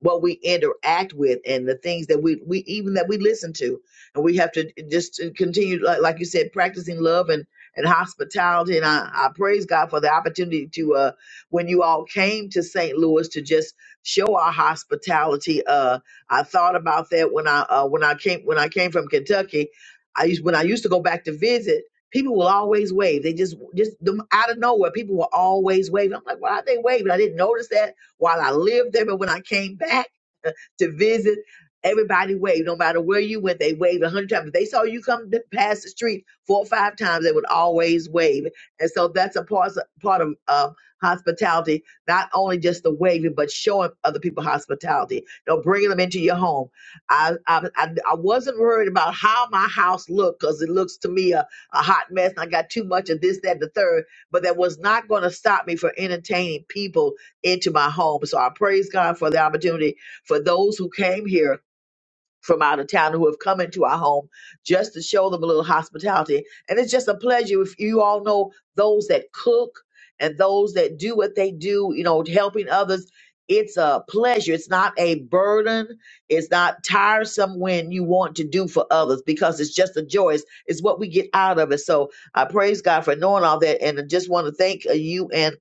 what we interact with and the things that we, we even that we listen to and we have to just to continue like, like you said practicing love and and hospitality and I, I praise god for the opportunity to uh when you all came to st louis to just show our hospitality uh i thought about that when i uh when i came when i came from kentucky i used when i used to go back to visit people will always wave they just just them out of nowhere people will always wave i'm like why are they waving i didn't notice that while I lived there, but when I came back to visit, everybody waved. No matter where you went, they waved a hundred times. If they saw you come th- past the street four or five times, they would always wave. And so that's a part, part of uh, hospitality, not only just the waving, but showing other people hospitality. You know, bringing them into your home. I, I, I, I wasn't worried about how my house looked because it looks to me a, a hot mess and I got too much of this, that, and the third, but that was not going to stop me from entertaining people into my home. So I praise God for the opportunity for those who came here from out of town who have come into our home just to show them a little hospitality. And it's just a pleasure if you all know those that cook and those that do what they do, you know, helping others. It's a pleasure. It's not a burden. It's not tiresome when you want to do for others because it's just a joy. It's, it's what we get out of it. So I praise God for knowing all that. And I just want to thank uh, you and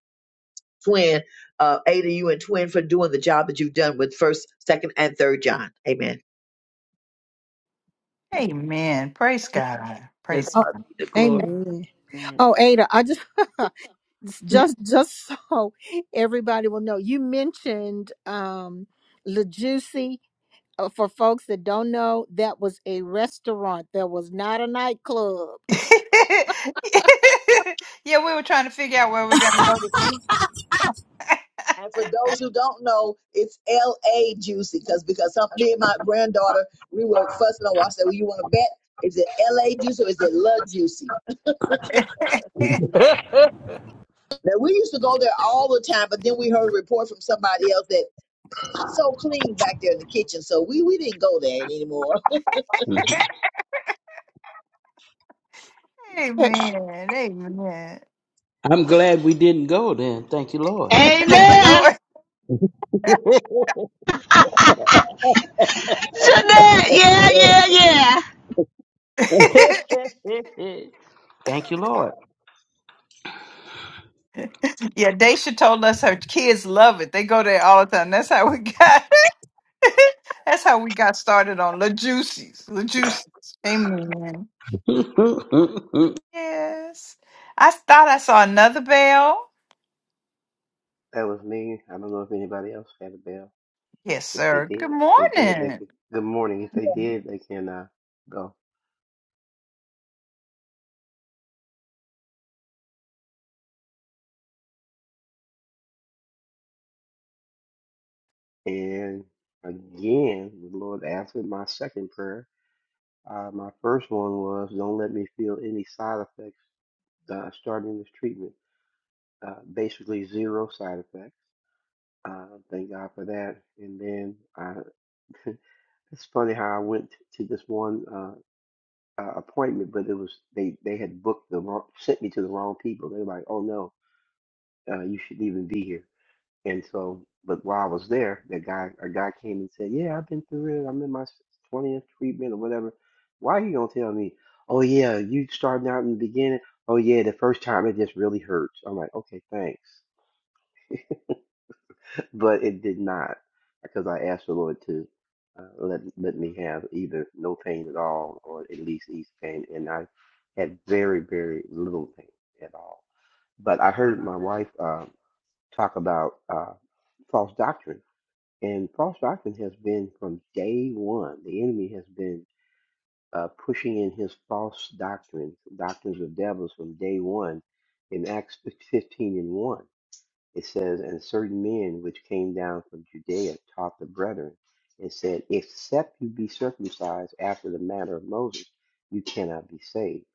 Twin, uh, Ada, you and Twin for doing the job that you've done with first, second, and third John. Amen.
Amen. Praise God.
To
Praise
Oh,
God
God.
be the glory.
amen. Oh, Ada, I just just just so everybody will know, you mentioned um LaJuicy. uh, for folks that don't know, that was a restaurant. That was not a nightclub.
yeah, we were trying to figure out where we're going to go to eat.
And for those who don't know, it's L.A. Juicy because because some, me and my granddaughter we were fussing over. I said, "Well, you want to bet? Is it L.A. Juicy or is it Love Juicy?" Now we used to go there all the time, but then we heard a report from somebody else that so clean back there in the kitchen, so we we didn't go there anymore.
Amen. Amen.
I'm glad we didn't go then. Thank you, Lord.
Thank you,
Amen.
Lord.
Jeanette, yeah, yeah, yeah.
Thank you, Lord.
Yeah, Daisha told us her kids love it. They go there all the time. That's how we got. that's how we got started on La Juicy's. La Juicy's. Amen.
and
Yes. I thought I saw another bell.
That was me. I don't know if anybody else had a bell.
Yes,
If they
sir. Good
did, if they did, they
morning.
could. Good morning. If they did, they can uh, go. And again, the Lord answered my second prayer. Uh, my first one was, "Don't let me feel any side effects uh, starting this treatment." Uh, basically, zero side effects. Uh, thank God for that. And then I It's funny how I went to this one uh, uh, appointment, but it was they they had booked the wrong, sent me to the wrong people. They were like, "Oh no, uh, you shouldn't even be here." And so, but while I was there, that guy a guy came and said, "Yeah, I've been through it. I'm in my twentieth treatment or whatever." Why are you gonna tell me? Oh yeah, you starting out in the beginning. Oh yeah, the first time it just really hurts. I'm like, okay, thanks. but it did not because I asked the Lord to uh, let let me have either no pain at all or at least ease pain, and I had very very little pain at all. But I heard my wife uh, talk about uh, false doctrine, and false doctrine has been from day one. The enemy has been uh, pushing in his false doctrines, doctrines of devils from day one, in Acts fifteen and one it says, And certain men which came down from Judea taught the brethren and said, Except you be circumcised after the manner of Moses, you cannot be saved.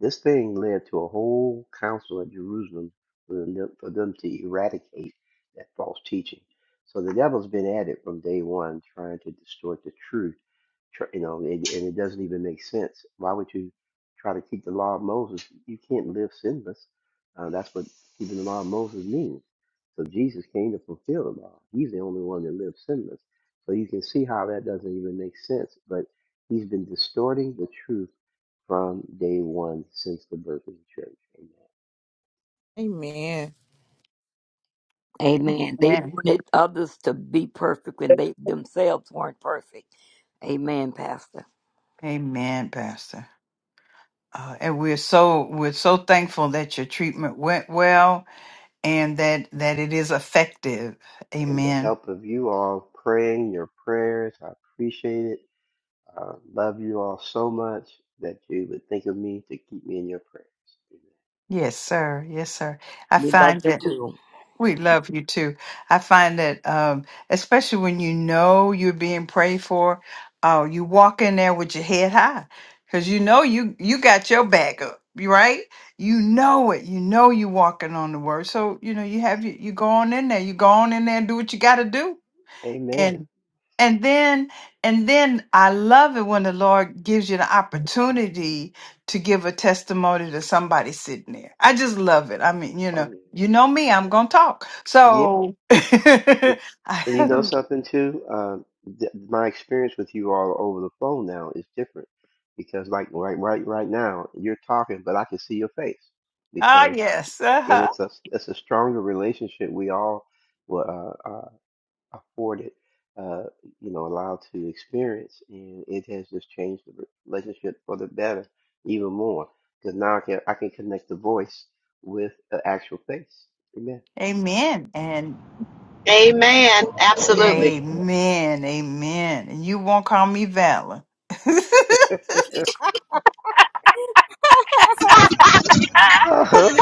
This thing led to a whole council at Jerusalem for them, for them to eradicate that false teaching. So the devil's been at it from day one, trying to distort the truth. tr- You know, and, and it doesn't even make sense. Why would you try to keep the law of Moses? You can't live sinless. Uh, that's what keeping the law of Moses means so Jesus came to fulfill the law. He's the only one that lived sinless. So you can see how that doesn't even make sense. But he's been distorting the truth from day one since the birth of the church. Amen.
Amen.
Amen. They
Amen.
wanted others to be perfect when they themselves weren't perfect. Amen, Pastor.
Amen, Pastor. Uh, and we're so we're so thankful that your treatment went well and that that it is effective.
And the
Amen.
help of you all praying your prayers, I appreciate it. I love you all so much that you would think of me to keep me in your prayers.
Yes, sir. Yes, sir. I
We love
find that.
you too.
We love you too. I find that, um, especially when you know you're being prayed for, uh, you walk in there with your head high because you know you you got your back up, you right? You know it. You know you walking on the word. So you know you have you, you go on in there. You go on in there and do what you got to do
Amen. Amen.
and and then and then I love it when the Lord gives you the opportunity to give a testimony to somebody sitting there. I just love it. I mean, you know,
Oh
you know me, I'm gonna talk.
yeah.
So
But
ah
and you know something too, um, th- my experience with you all over the phone now is different because like right right right now you're talking, but I can see your face because
yes.
and
Uh-huh.
it's a it's a stronger relationship we all were uh, uh, afforded, uh, you know, allowed to experience, and it has just changed the relationship for the better even more because now I can I can connect the voice with the actual face. Amen.
Amen. And
Amen.
Amen.
Absolutely.
amen. Amen. And you won't call me Valor.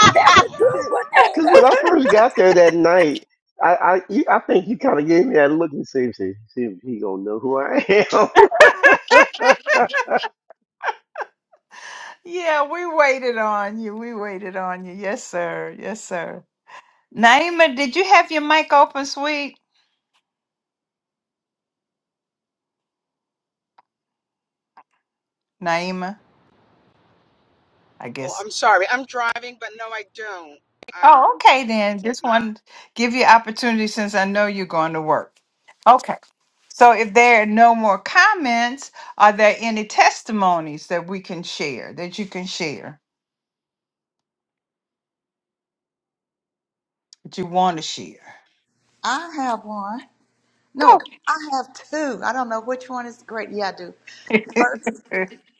That's a good one,
Because when I first got there that night, I I, you- I think you kind of gave me that look and see if see if he gonna know who I am.
yeah, we waited on you. We waited on you. Yes, sir. Yes, sir. Naima, did you have your mic open, sweet? Naima, I
Oh,
guess.
I'm sorry. I'm driving, but no, I don't. I'm.
Oh, okay
I
then.
did
Just
not.
want to give you opportunity since I know you're going to work. Okay. So if there are no more comments, are there any testimonies that we can share, that you can share, that you want to share?
I have one. No,
Go.
I have two. I don't know which one is great. Yeah, I do. First,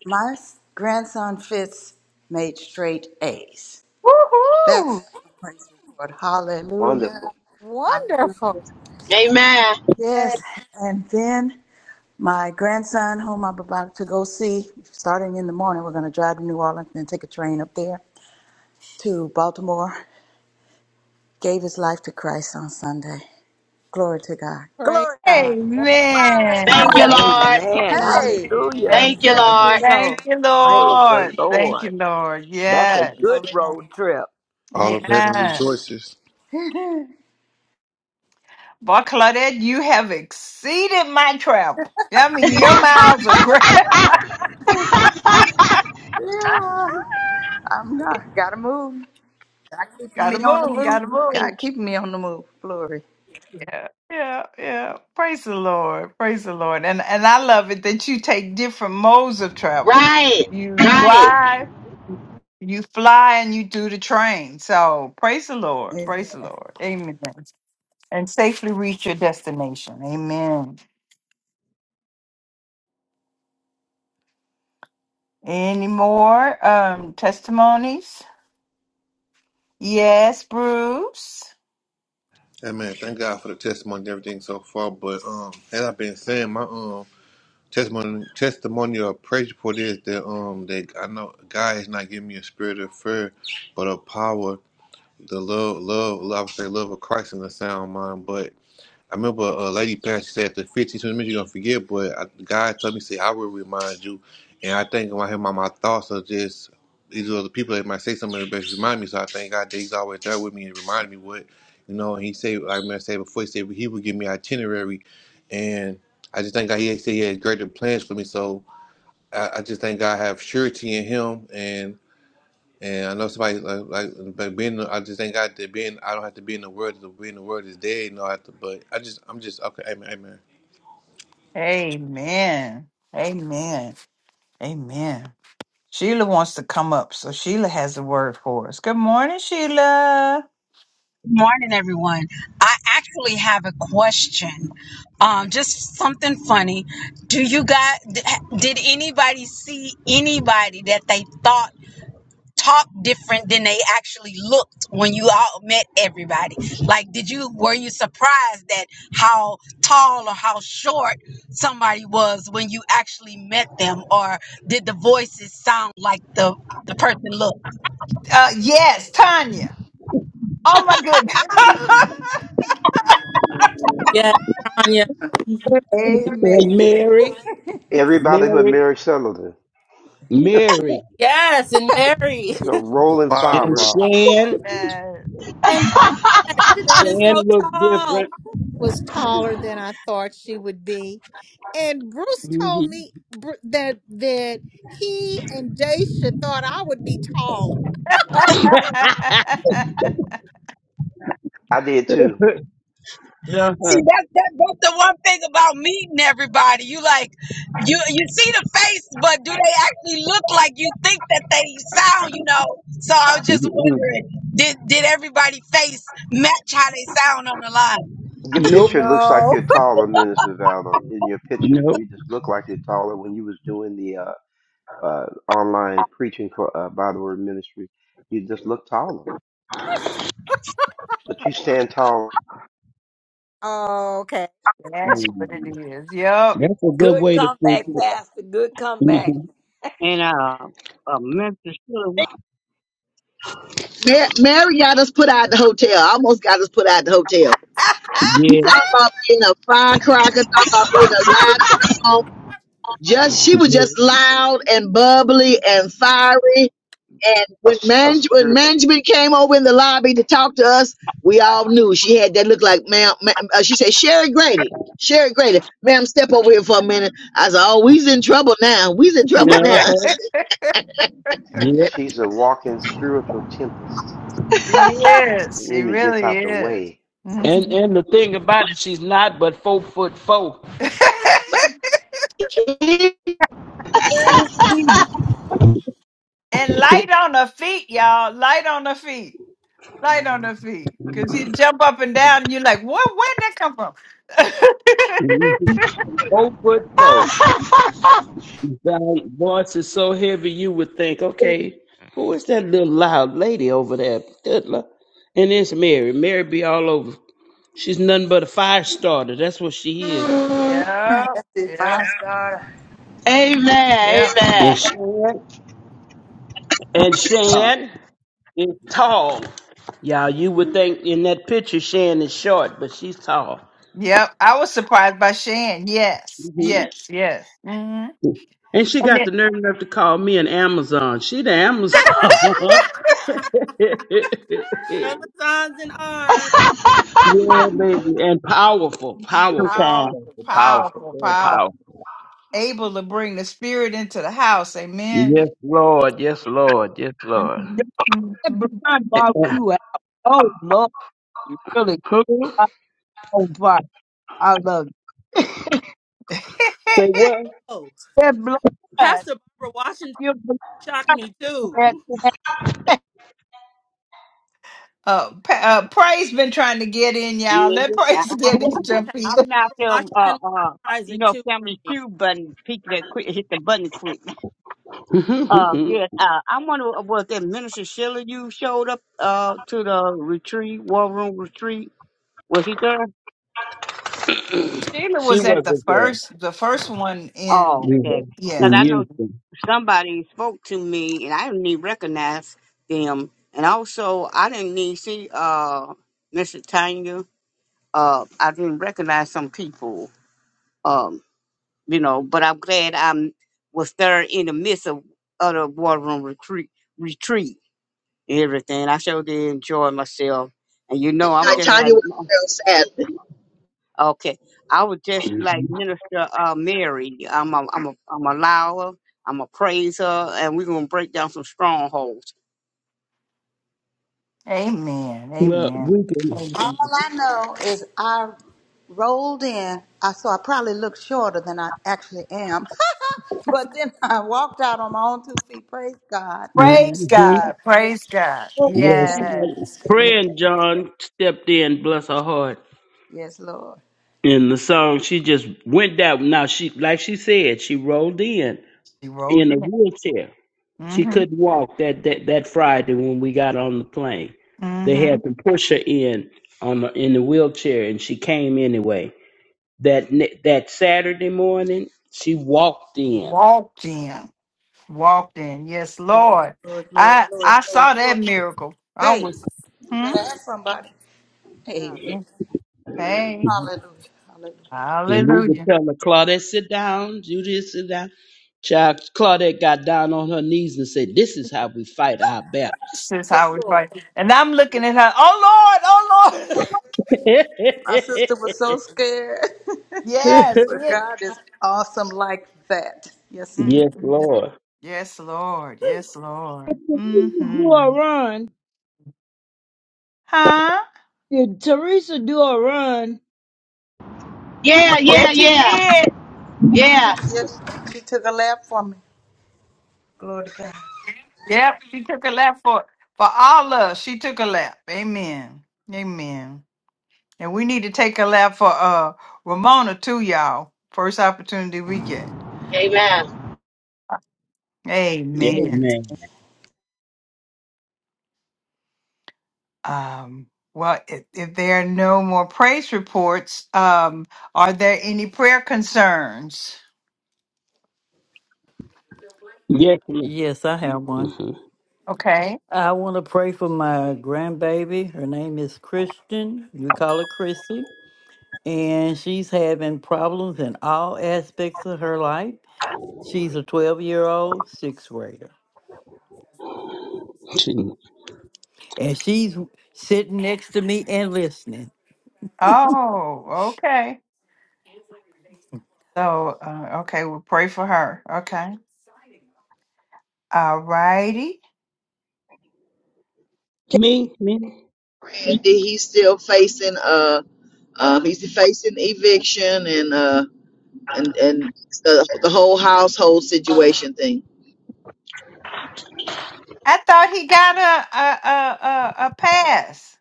my s- grandson Fitz made straight A's. That's
Woohoo!
a praise report. Hallelujah.
Wonderful.
Hallelujah.
Wonderful.
Amen.
That
Yes. And then my grandson, whom I'm about to go see, starting in the morning, we're going to drive to New Orleans and then take a train up there to Baltimore, gave his life to Christ on Sunday. Glory to God.
Praise
Glory to
the
God.
Lord.
Thank you,
Amen.
Hallelujah.
Ada.
Lord.
Amen.
Hey,
Hallelujah.
Amen.
I'm
Thank you,
seven
Lord.
years
Thank
old.
you,
Praise the
Lord. Thank
Lord.
you, Lord.
That's a
Yes.
good
Glory
road
name.
trip.
All
Thank
of heaven
Yeah.
rejoices.
you.
Boy, Claudette, you have exceeded my travel. I mean, your miles are great.
yeah, I'm not. Gotta move. God keeping
gotta
me on the
move,
move.
gotta
God
move.
keeping me on the move. Glory.
Yeah, yeah, yeah. Praise the Lord. Praise the Lord. And and I love it that you take different modes of travel.
Right.
You
Right.
drive, you fly, and you do the train. So praise the Lord.
Amen.
Praise the Lord. Amen. And safely reach your destination. Amen. Any more um testimonies? Yes, Bruce.
Amen. Thank God for the testimony and everything so far. But um, as I've been saying, my um testimony testimony or praise report is that um that I know God is not giving me a spirit of fear, but a power, the love, love, love I would say love of Christ in the sound mind. but. I remember uh, Lady Plant she said, after 15, twenty minutes, you're going to forget, but I, God told me, say, I will remind you. And I think when I hear my, my thoughts are just, these are the people that might say something that best remind me. So I thank God that He's always there with me and remind me what, you know, and He said, like I said before, He said, He would give me itinerary. And I just thank God He said He had greater plans for me. So I, I just thank God I have surety in Him. And and I know somebody like, like being. I just thank God that being. I don't have to be in the world. to Be in the world is dead. No, I have to. But I just. I'm just okay. Amen. Amen.
Amen. Amen. Amen. Sheila wants to come up, so Sheila has a word for us. Good morning, Sheila.
Good morning, everyone. I actually have a question. Um, just something funny. Do you guys, did anybody see anybody that they thought talked different than they actually looked when you all met everybody? Like, did you, were you surprised that how tall or how short somebody was when you actually met them? Or did the voices sound like the, the person looked?
Uh, yes, Tanya. Oh my goodness.
Yes, Tanya.
Amen.
Mary,
Everybody but
Mary,
Mary Sullivan.
Mary,
Yes, and Mary
It's a
The
rolling
and
firework.
fireball.
Shan.
Yes.
and Jeanette. Jeanette is so
Shan looked
tall.
different.
Was taller than I thought she would be, and Bruce told
Mhm.
me Bru- that that he and Daisha thought I would be taller.
I did too.
Yeah.
See, that, that that's the one thing about meeting everybody. You like you you see the face, but do they actually look like you think that they sound, you know? So I was just
Mhm.
wondering, did did everybody face match how they sound on the line?
Your picture
nope,
looks like
No.
you're taller, Minister Valor. In your picture,
nope.
you just look like you're taller when you was doing the uh, uh, online preaching for uh, by the word ministry. You just look taller, but you stand tall.
Okay.
That's what it
Mhm.
is. Yep.
That's a good
Good
way to think.
comeback, Pastor. Good comeback.
Mhm.
And uh, uh Memphis, Tennessee,
Mar- Mary got us put out the hotel. Almost got us put out the hotel. You
yeah,
talk about being a firecracker, talk about being a loud girl. Just she was just loud and bubbly and fiery. And
A,
when,
s- a
manage- when
spirit.
management came over in the lobby to talk to us, we all knew she had that look like, ma'am. ma- uh, she said, Sherry Grady, Sherry Grady, ma'am, step over here for a minute. I said, oh, we's in trouble now. We's in trouble
yeah,
now.
Uh-huh. yeah.
She's a walking spiritual tempest.
she is.
The
She
enemy gets
really
out the
Yes.
is.
way
And and the thing about it, she's not but four foot four.
and
Amen.
light on her feet, y'all. Light on her feet. light on her feet. Cause he'd jump up and down and you're like, what where'd that come from?
Mhm. four foot four. Thy voice is so heavy you would think, okay, who is that little loud lady over there? Good Lord. And it's Mary. Mary be all over. She's nothing but a fire starter. That's what she is.
yeah,
That's it.
yeah,
Five star.
Amen.
yeah,
And
Amen.
Shan, and
uh,
Shan is tall. Y'all, you would think in that picture Shan is short, but she's tall.
yeah. I was surprised by Shan. Yes.
hmm
Yes, yes. hmm
And she
And
got the
then
nerve enough to call me an Amazon. She the Amazon.
Amazons and arms.
Yeah, baby. And powerful, powerful,
sometime.
powerful,
powerful,
sir.
powerful,
powerful,
very
powerful.
powerful.
Able to bring the spirit into the house.
Yes,
Amen.
Lord. Yes, Lord. Yes, Lord.
Mhm, mhm.
blind bought you out. Oh, Lord. You really
Who?
got on fire. I love you.
Say what?
Oh,
That blind.
Pastor Barbara Washington
You're
shocked me too.
uh, pa- uh, Praise been trying to get in, y'all. Let
Yes, I,
Praise
I,
get in, jump
Pastor
in.
I'm not
Barbara
them.
Washington
Uh,
was
uh, you
surprising
know,
too for
family
me.
feud button people that quit hit the button quick. Uh, yes. Uh, I wonder uh, was that Minister Sheila you showed up uh to the retreat, war room retreat. Was she there?
Sheila
she
was at the
wasn't there.
first, the first one in.
Oh,
We
okay.
were
Because
in
Yeah,
I know
Houston.
somebody spoke to me, and I didn't even recognize them. And also, I didn't need see uh, Mr. Tanya. Uh, I didn't recognize some people. Um, you know, but I'm glad i was there in the midst of other war room retreat, retreat and everything. I sure did enjoy myself. And you know, I'm
Now,
just
Tanya was
like
still sadly,
Okay. I was just like
Mhm.
Minister uh, Mary. I'm a, I'm a, I'm a allow her. I'm a praise her, and we're gonna break down some strongholds.
Amen.
Well, we
Amen.
can.
All
Amen.
I know is I rolled in. I so I probably look shorter than I actually am. but then I walked out on my own two feet. Praise God.
Praise
hmm
God.
Amen.
Praise God.
Yes.
blind.
sir.
Yes.
Amen.
Yes.
Amen.
Praying John stepped in, bless her heart.
Yes, Lord.
In the song, she just went down. Now she, like she said, she rolled in
He rolled
in a
in it.
wheelchair. She
Mm-hmm.
couldn't walk that, that, that Friday when we got on the plane. They
Mm-hmm.
had to push her in on the, in the wheelchair, and she came anyway. That ne- that Saturday morning, she walked in,
Walked in. Walked in. Yes,
Glory,
Lord.
glory, glory,
I
glory,
I
glory,
saw that
glory.
miracle. I
Hey,
was
you
hmm?
better ask somebody. Amen.
hey.
Hallelujah. Hallelujah.
and we were
Hallelujah.
telling her, Claudette, sit down, Judith, sit down. Child, Claudette got down on her knees and said, "This is how we fight our battles."
This is how
Yes,
we
Lord.
fight. And I'm looking at her. Oh Lord, oh Lord.
My sister was so scared.
yes.
yes,
but
yeah.
God is awesome like that. Yes, He is.
Mhm.
Lord.
Yes, Lord. Yes, Lord.
Did Teresa do a
Mm-hmm.
run.
Huh?
Did Teresa do a run?
Yeah,
Yes,
yeah,
she
yeah.
did.
Yeah.
Yes, she took a lap for me. Glory to God.
Yep, she took a lap for for all us. She took a lap. Amen. Amen. And we need to take a lap for uh Ramona too, y'all. First opportunity we get.
Amen.
Amen.
Amen.
Amen.
Um. Well, if, if there are no more praise reports, um, are there any prayer concerns?
Yes, Lord.
Yes, I have one.
hmm
Okay.
I want to pray for my grandbaby. Her name is Christian. We call her Chrissy. And she's having problems in all aspects of her life. She's a 12 year old sixth grader. And she's sitting next to me and listening.
Oh, okay. So, uh, okay, we'll pray for her. Okay. All righty.
Me, me,
and he's still facing uh, um, he's facing eviction and uh, and and the, the whole household situation thing.
I thought he got a a a a, a pass.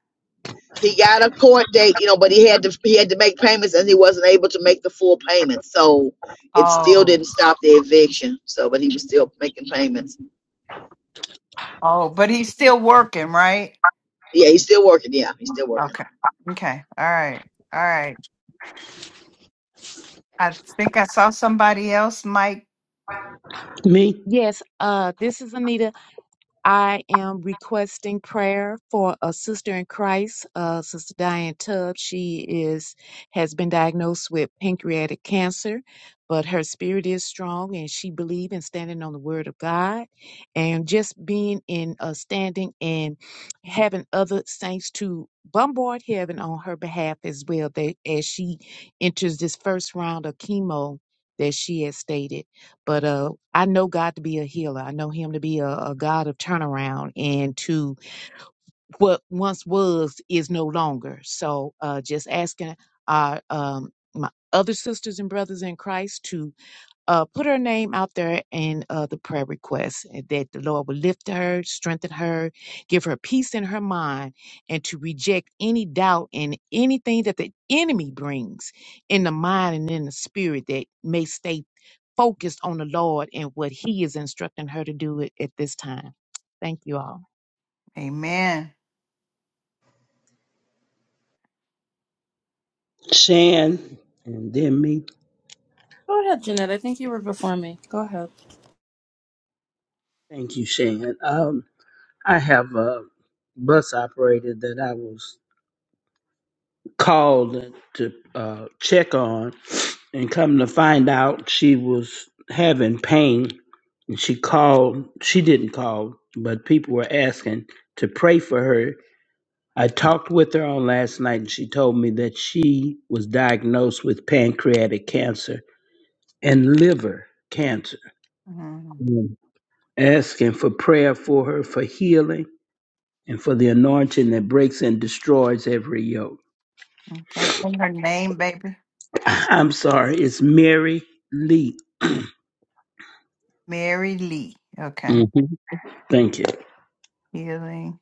He got a court date, you know, but he had to he had to make payments, and he wasn't able to make the full payment, so it still
Oh,
didn't stop the eviction. So, but he was still making payments.
oh, but he's still working, right?
Yeah, he's still working. Yeah, he's still working.
Okay, okay, all right, all right. I think I saw somebody else, Mike.
me.
Yes, uh, this is Anita. I am requesting prayer for a sister in Christ, uh, Sister Diane Tubb. She is has been diagnosed with pancreatic cancer, but her spirit is strong, and she believes in standing on the Word of God, and just being in uh, standing and having other saints to bombard heaven on her behalf as well. That as she enters this first round of chemo that she has stated. But uh, I know God to be a healer. I know Him to be a, a God of turnaround and to what once was is no longer. So uh, just asking our um, my other sisters and brothers in Christ to uh, put her name out there in uh, the prayer request and that the Lord will lift her, strengthen her, give her peace in her mind, and to reject any doubt and anything that the enemy brings in the mind and in the spirit that may stay focused on the Lord and what He is instructing her to do at at this time. Thank you all.
Amen.
Shan, and then me.
Go ahead, Jeanette. I think you were before me. Go ahead.
Thank you, Shan. Um, I have a bus operator that I was called to uh, check on, and come to find out, she was having pain. And she called. She didn't call, but people were asking to pray for her. I talked with her on last night, and she told me that she was diagnosed with pancreatic cancer and liver cancer.
Mhm.
Mm. asking for prayer for her for healing and for the anointing that breaks and destroys every yoke.
Okay, and her name, baby,
I'm sorry, it's Mary Lee.
Mary Lee.
hmm
Okay,
Thank you.
healing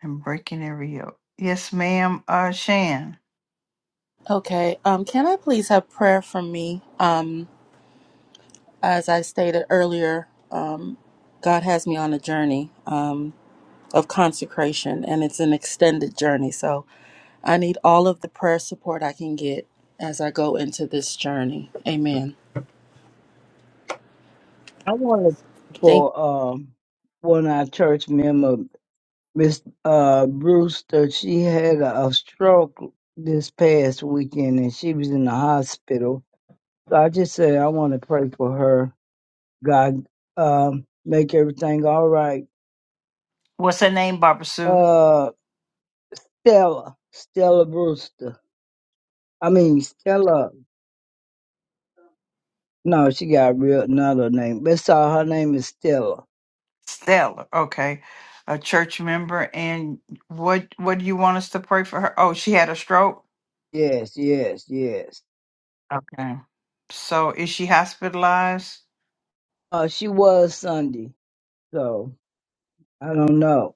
and breaking every yoke. Yes, ma'am. Uh, Shan.
Okay. Um, can I please have prayer for me? Um, as I stated earlier, um, God has me on a journey um, of consecration, and it's an extended journey. So I need all of the prayer support I can get as I go into this journey. Amen.
I want to
Thank.
for um one of our church member, Miss uh Brewster. She had a, a stroke this past weekend, and she was in the hospital. So I just said I want to pray for her. God, um, make everything all right.
What's her name, Barbara Sue?
Uh, Stella, Stella Brewster. I mean Stella. No, she got a real another name. but all. Her name is Stella.
Stella, okay, a church member, and what what do you want us to pray for her? Oh, she had a stroke.
Yes, yes, yes.
Okay, so is she hospitalized?
Uh, she was Sunday, so I don't know.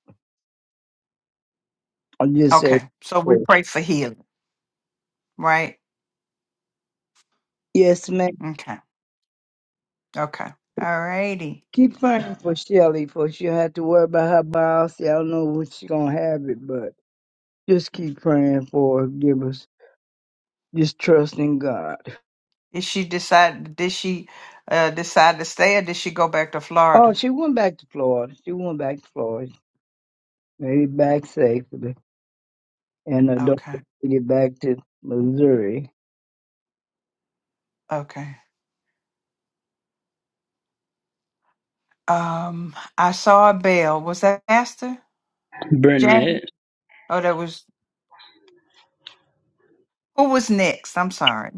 i just saying.
Okay, so we
oh,
pray for healing, right?
Yes, ma'am.
Okay, okay, all righty.
Keep praying for Shelly, for she'll have to worry about her biopsy. I don't know when she's gonna have it, but just keep praying for her. Give us just trust in God.
Is she decide? Did she uh, decide to stay, or did she go back to
Oh,
Florida?
she went back to Florida. She went back to Florida. maybe back safely, and her daughter
Okay,
made it back to Missouri.
okay. Um, I saw a bell. Was that Pastor Jane?
Burnett.
Oh, that was who was next? I'm sorry.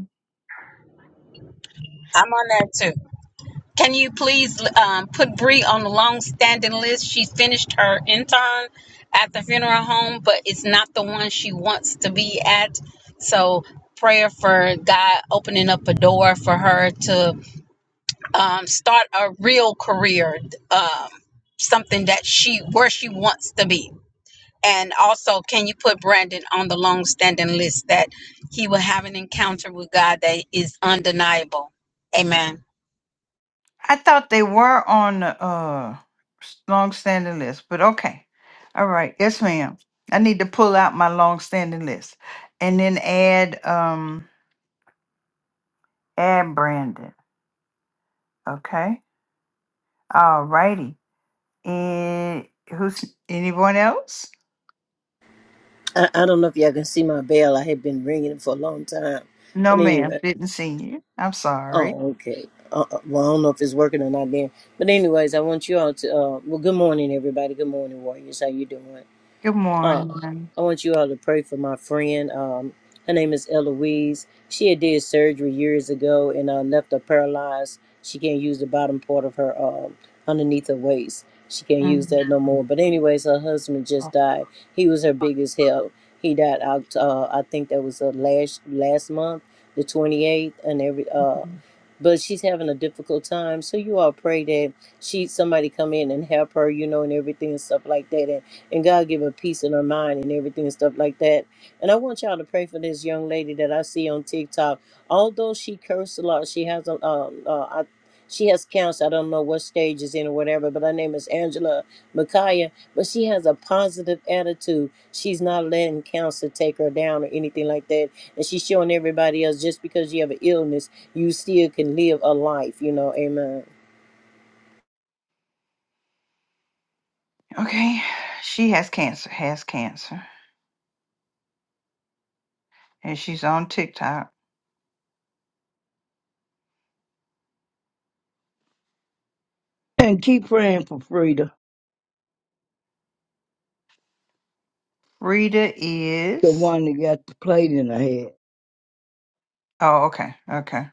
I'm on that too. Can you please um, put Bree on the long-standing list? She finished her intern at the funeral home, but it's not the one she wants to be at. So prayer for God opening up a door for her to um, start a real career, um, something that she where she wants to be. And also, can you put Brandon on the long-standing list that he will have an encounter with God that is undeniable? Amen.
I thought they were on the uh long-standing list, but okay. All right. Yes, ma'am. I need to pull out my long-standing list and then add um add Brandon. Okay. All righty. And who's anyone else?
I, I don't know if y'all can see my bell. I had been ringing it for a long time. But
No, ma'am.
anyway,
Didn't see you. I'm sorry.
oh, okay. Uh, uh, well, I don't know if it's working or not there. But anyways, I want you all to, uh, well, good morning, everybody. Good morning, Warriors. How you doing?
Good
Uh,
morning.
I want you all to pray for my friend. Um, her name is Eloise. She had did surgery years ago and uh, left her paralyzed. She can't use the bottom part of her um, underneath her waist. She can't use
Mhm.
that no more. But anyways, her husband just died. He was her biggest help. He died out. Uh, I think that was uh, last last month, the 28th, and every uh, but she's having a difficult time. So you all pray that she somebody come in and help her, you know, and everything and stuff like that, and, and God give her peace in her mind and everything and stuff like that. And I want y'all to pray for this young lady that I see on TikTok. Although she cursed a lot, she has a um uh, she has cancer. I don't know what stage it's in or whatever, but her name is Angela Micaiah. But she has a positive attitude. She's not letting cancer take her down or anything like that. And she's showing everybody else just because you have an illness, you still can live a life, you know. Amen.
Okay, she has cancer, has cancer, and she's on TikTok.
And keep praying for Frida,
Rita
the
is.
one that got the plate in her head.
Oh, okay. Okay.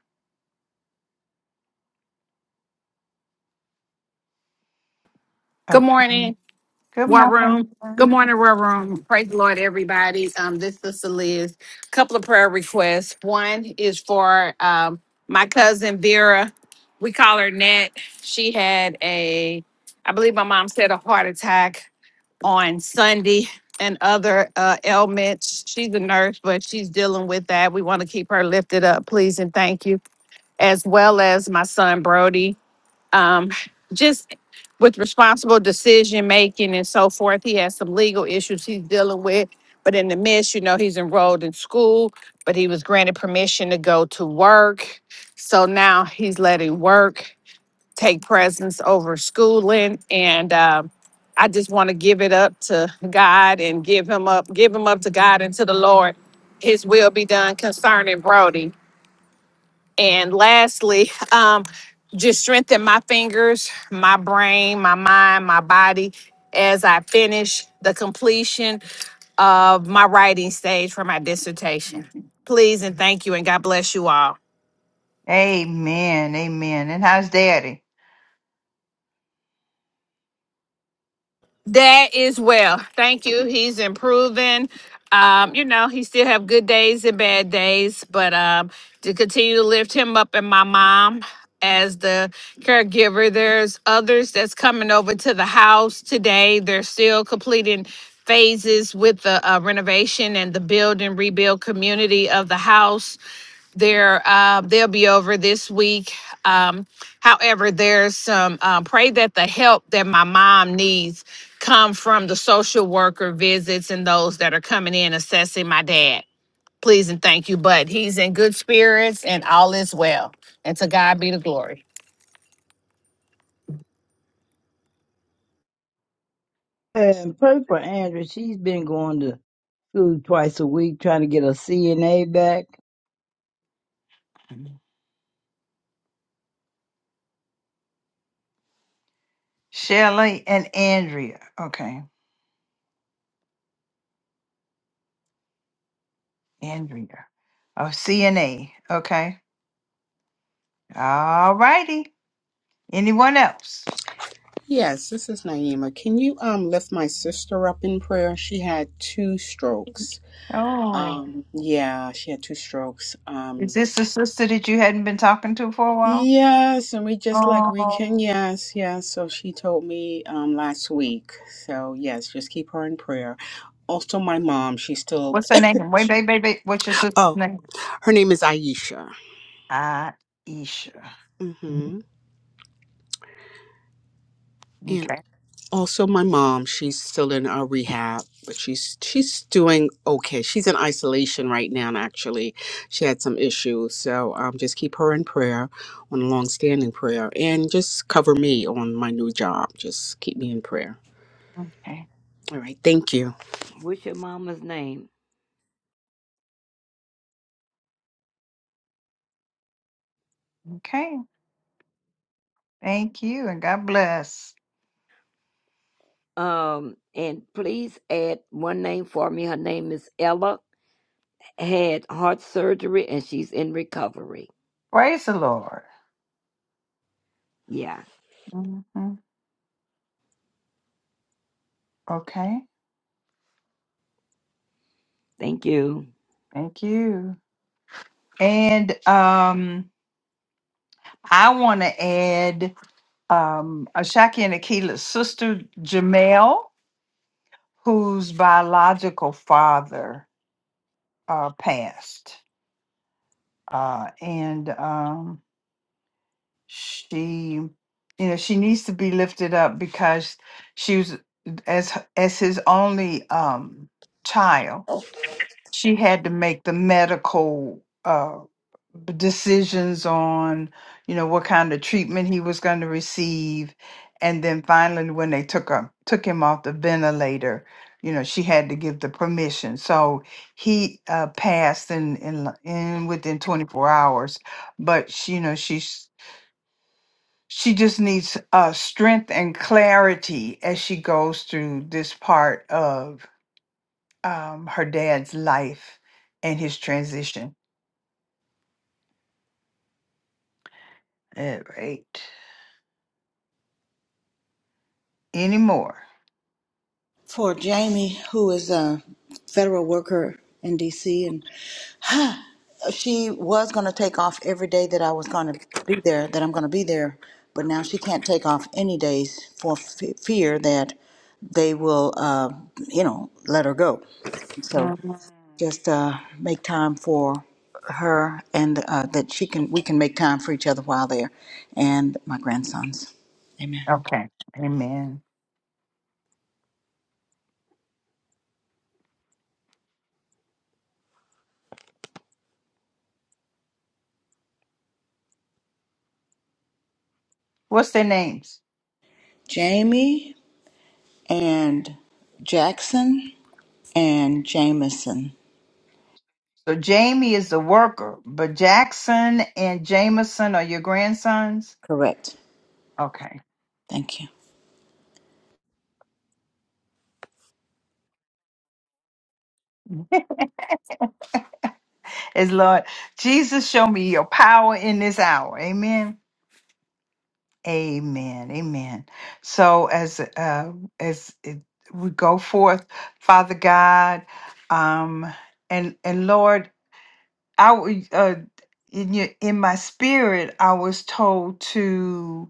Good
Okay.
morning,
Good
War Room.
morning.
Good morning, War Room. Praise the Lord, everybody. Um, this is Liz. A couple of prayer requests. One is for um, my cousin Vera. We call her Nat. She had a, I believe my mom said a heart attack on Sunday and other uh, ailments. She's a nurse, but she's dealing with that. We want to keep her lifted up, please, and thank you. As well as my son Brody. Um, just with responsible decision making and so forth. He has some legal issues he's dealing with. But in the midst, you know, he's enrolled in school, but he was granted permission to go to work. So now he's letting work take precedence over schooling. And um, I just want to give it up to God and give him up, give him up to God and to the Lord. His will be done concerning Brody and lastly, um, just strengthen my fingers, my brain, my mind, my body as I finish the completion of my writing stage for my dissertation. Please and thank you, and God bless you all.
Amen. Amen. And how's daddy?
That is well. Thank you. He's improving. Um, you know, he still have good days and bad days, but um, to continue to lift him up and my mom as the caregiver. There's others that's coming over to the house today. They're still completing phases with the uh, renovation and the build and rebuild community of the house. They're uh, they'll be over this week. Um, however, there's some uh, pray that the help that my mom needs come from the social worker visits and those that are coming in assessing my dad. Please and thank you, but he's in good spirits and all is well. And to God be the glory.
And pray for Andrew. She's been going to school twice a week trying to get her CNA back.
Shelley and Andrea. Okay. Andrea. Oh, CNA. Okay. All righty. Anyone else?
Yes, this is Naima. Can you um lift my sister up in prayer? She had two strokes.
Oh.
Um yeah, she had two strokes.
Is
Um
this the sister that you hadn't been talking to for a while?
yes, and we just like we
Oh.
yes, yes. So she told me um last week. So yes, just keep her in prayer. Also my mom, she's still
What's her name? Wait, wait, wait, wait. What's your sister's
Oh,
name?
her name is Aisha.
Aisha.
Mhm.
Okay.
Also, my mom, she's still in our rehab, but she's she's doing okay. She's in isolation right now, and actually, she had some issues. So um, just keep her in prayer, on a long-standing prayer, and just cover me on my new job. Just keep me in prayer.
Okay.
All right, thank you.
What's your mama's name?
Okay. Thank you and God bless.
Um, and please add one name for me. Her name is Ella. Had heart surgery and she's in recovery.
Praise the Lord.
Yeah.
Mhm. Okay.
Thank you.
Thank you. And um, I want to add um, Ashaki and Akila's sister, Jamel, whose biological father uh, passed. Uh, and um, she, you know, she needs to be lifted up because she was, as, as his only um, child, she had to make the medical uh, decisions on, you know, what kind of treatment he was going to receive, and then finally, when they took him took him off the ventilator, you know, she had to give the permission. So he uh, passed in in l- in within 24 hours, but she, you know, she's she just needs uh, strength and clarity as she goes through this part of um, her dad's life and his transition. All right. Any more?
for Jamie, who is a federal worker in DC, and she was going to take off every day that I was going to be there, that I'm going to be there, but now she can't take off any days for f- fear that they will, uh, you know, let her go. So
Mm,
just uh, make time for her, and uh, that she can, we can make time for each other while there, and my grandsons. Amen.
Okay. Amen. What's their names?
Jamie and Jackson. and Jameson.
So Jamie is the worker, but Jackson and Jameson are your grandsons.
Correct.
Okay.
Thank you.
As Lord Jesus, show me your power in this hour. Amen. Amen. Amen. So as uh, as it, we go forth, Father God, um, and and Lord. I w- uh in your, in my spirit I was told to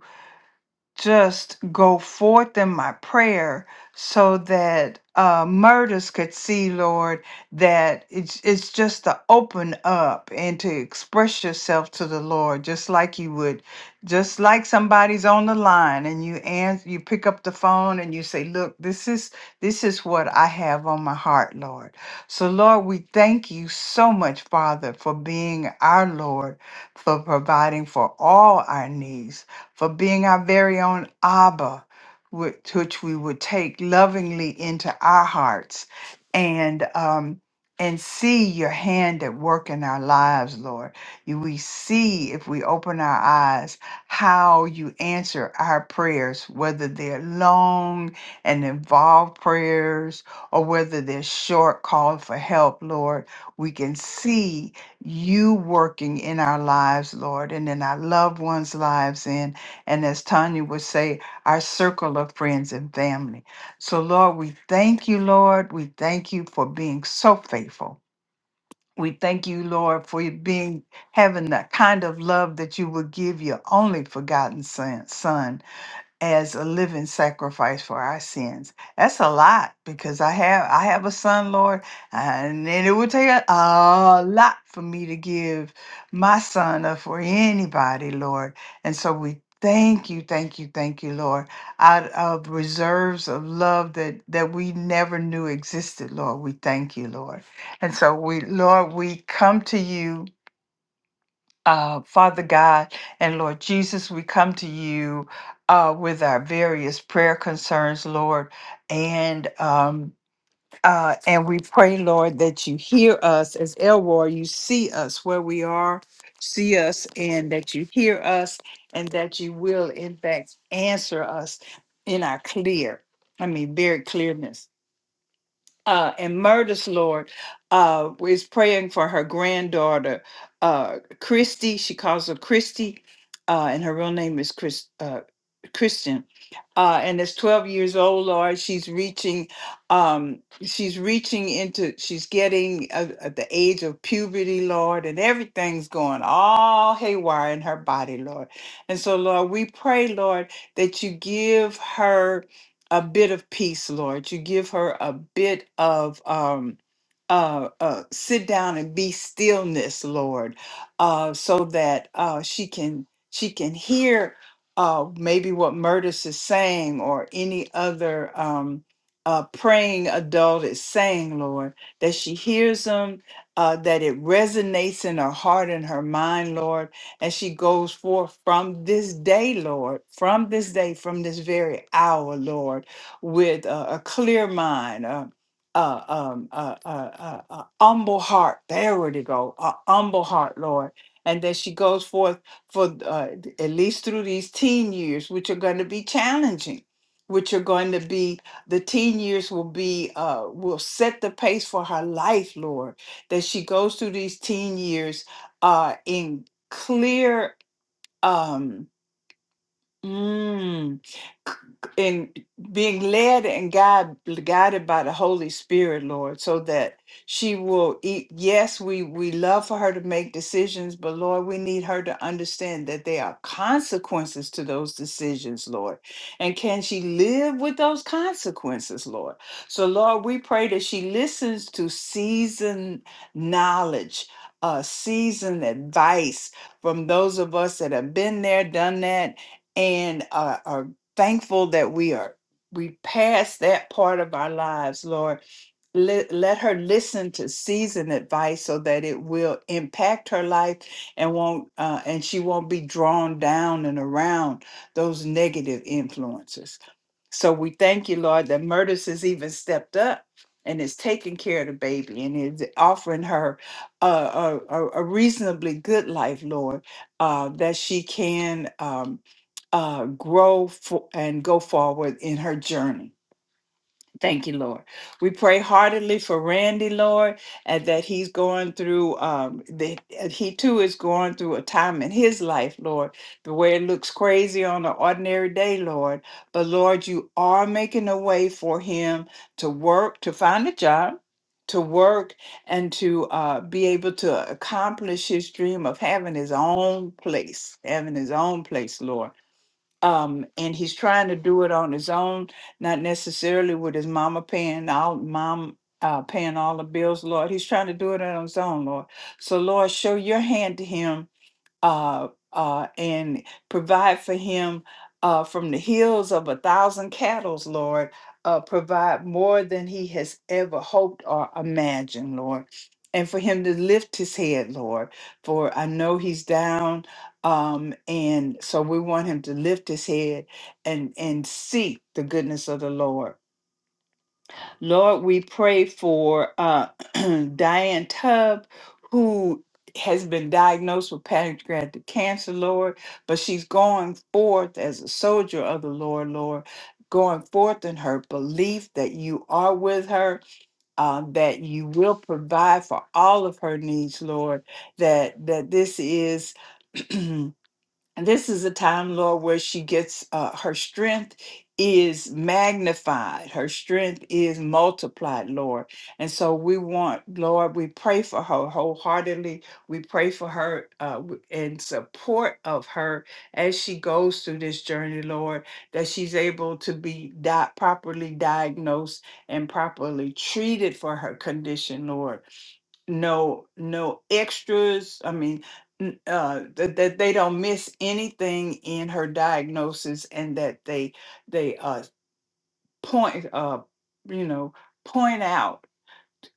just go forth in my prayer so that uh, murders could see, Lord, that it's, it's just to open up and to express yourself to the Lord, just like you would, just like somebody's on the line and you answer, you pick up the phone and you say, "Look, this is this is what I have on my heart, Lord." So, Lord, we thank you so much, Father, for being our Lord, for providing for all our needs for being our very own Abba, which, which we would take lovingly into our hearts and um, and see your hand at work in our lives, Lord. You, we see if we open our eyes how you answer our prayers, whether they're long and involved prayers or whether they're short call for help, Lord. We can see you working in our lives, Lord, and in our loved ones' lives, in and as Tanya would say, our circle of friends and family. So, Lord, we thank you, Lord. We thank you for being so faithful. We thank you, Lord, for you being having that kind of love that you would give your only forgotten son. son as a living sacrifice for our sins. That's a lot because I have I have a son, Lord, and it would take a, a lot for me to give my son up for anybody, Lord. And so we thank you, thank you, thank you, Lord. Out of reserves of love that that we never knew existed, Lord. We thank you, Lord. And so we, Lord, we come to you uh, Father God and Lord Jesus, we come to you uh, with our various prayer concerns, Lord, and um, uh, and we pray, Lord, that you hear us as Elroy. You see us where we are, see us, and that you hear us, and that you will, in fact, answer us in our clear, I mean, very clearness uh, and Murda's Lord uh, is praying for her granddaughter, uh, Christy. She calls her Christy, uh, and her real name is Chris, uh, Christian. Uh, and is 12 years old, Lord. She's reaching, um, she's reaching into, she's getting uh, at the age of puberty, Lord, and everything's going all haywire in her body, Lord. And so, Lord, we pray, Lord, that you give her a bit of peace, Lord. You give her a bit of um, uh, uh, sit down and be stillness, Lord, uh, so that uh, she can she can hear uh, maybe what Murtis is saying or any other um, uh, praying adult is saying, Lord, that she hears them, uh, that it resonates in her heart and her mind, Lord, and she goes forth from this day, Lord, from this day, from this very hour, Lord, with a, a clear mind, uh, um, uh, uh, uh, uh, humble heart. There we to go. A humble heart, Lord. And that she goes forth for uh, at least through these teen years, which are going to be challenging, which are going to be the teen years will be uh, will set the pace for her life, Lord. That she goes through these teen years uh, in clear. Um, Mm. And being led and guide, guided by the Holy Spirit, Lord, so that she will eat. Yes, we, we love for her to make decisions, but Lord, we need her to understand that there are consequences to those decisions, Lord. And can she live with those consequences, Lord? So, Lord, we pray that she listens to seasoned knowledge, uh, seasoned advice from those of us that have been there, done that and are, are thankful that we are we pass that part of our lives lord let, let her listen to seasoned advice so that it will impact her life and won't uh, and she won't be drawn down and around those negative influences so we thank you, Lord, that Murtis has even stepped up and is taking care of the baby and is offering her a, a, a a reasonably good life, Lord, uh, that she can um, uh, grow fo- and go forward in her journey. Thank you, Lord. We pray heartily for Randy, Lord, and that he's going through, um, that he too is going through a time in his life, Lord, the way it looks crazy on an ordinary day, Lord. But Lord, you are making a way for him to work, to find a job. To work and to uh, be able to accomplish his dream of having his own place, having his own place, Lord um, and he's trying to do it on his own, not necessarily with his mama paying all mom uh, paying all the bills, Lord. He's trying to do it on his own, Lord. So, Lord, show your hand to him uh, uh, and provide for him uh, from the hills of a thousand cattle, Lord. Uh, provide more than he has ever hoped or imagined, Lord. And for him to lift his head, Lord, for I know he's down, um, and so we want him to lift his head and and seek the goodness of the Lord Lord, we pray for uh, Diane Tubb, who has been diagnosed with pancreatic cancer, Lord, but she's going forth as a soldier of the Lord, Lord, going forth in her belief that you are with her, uh, that you will provide for all of her needs, Lord, that that this is. And this is a time, Lord, where she gets uh, her strength is magnified, her strength is multiplied, Lord. And so we want, Lord, we pray for her wholeheartedly. We pray for her uh, w- in support of her as she goes through this journey, Lord, that she's able to be di- properly diagnosed and properly treated for her condition, Lord no no extras i mean n- uh that, that they don't miss anything in her diagnosis and that they they uh point uh you know point out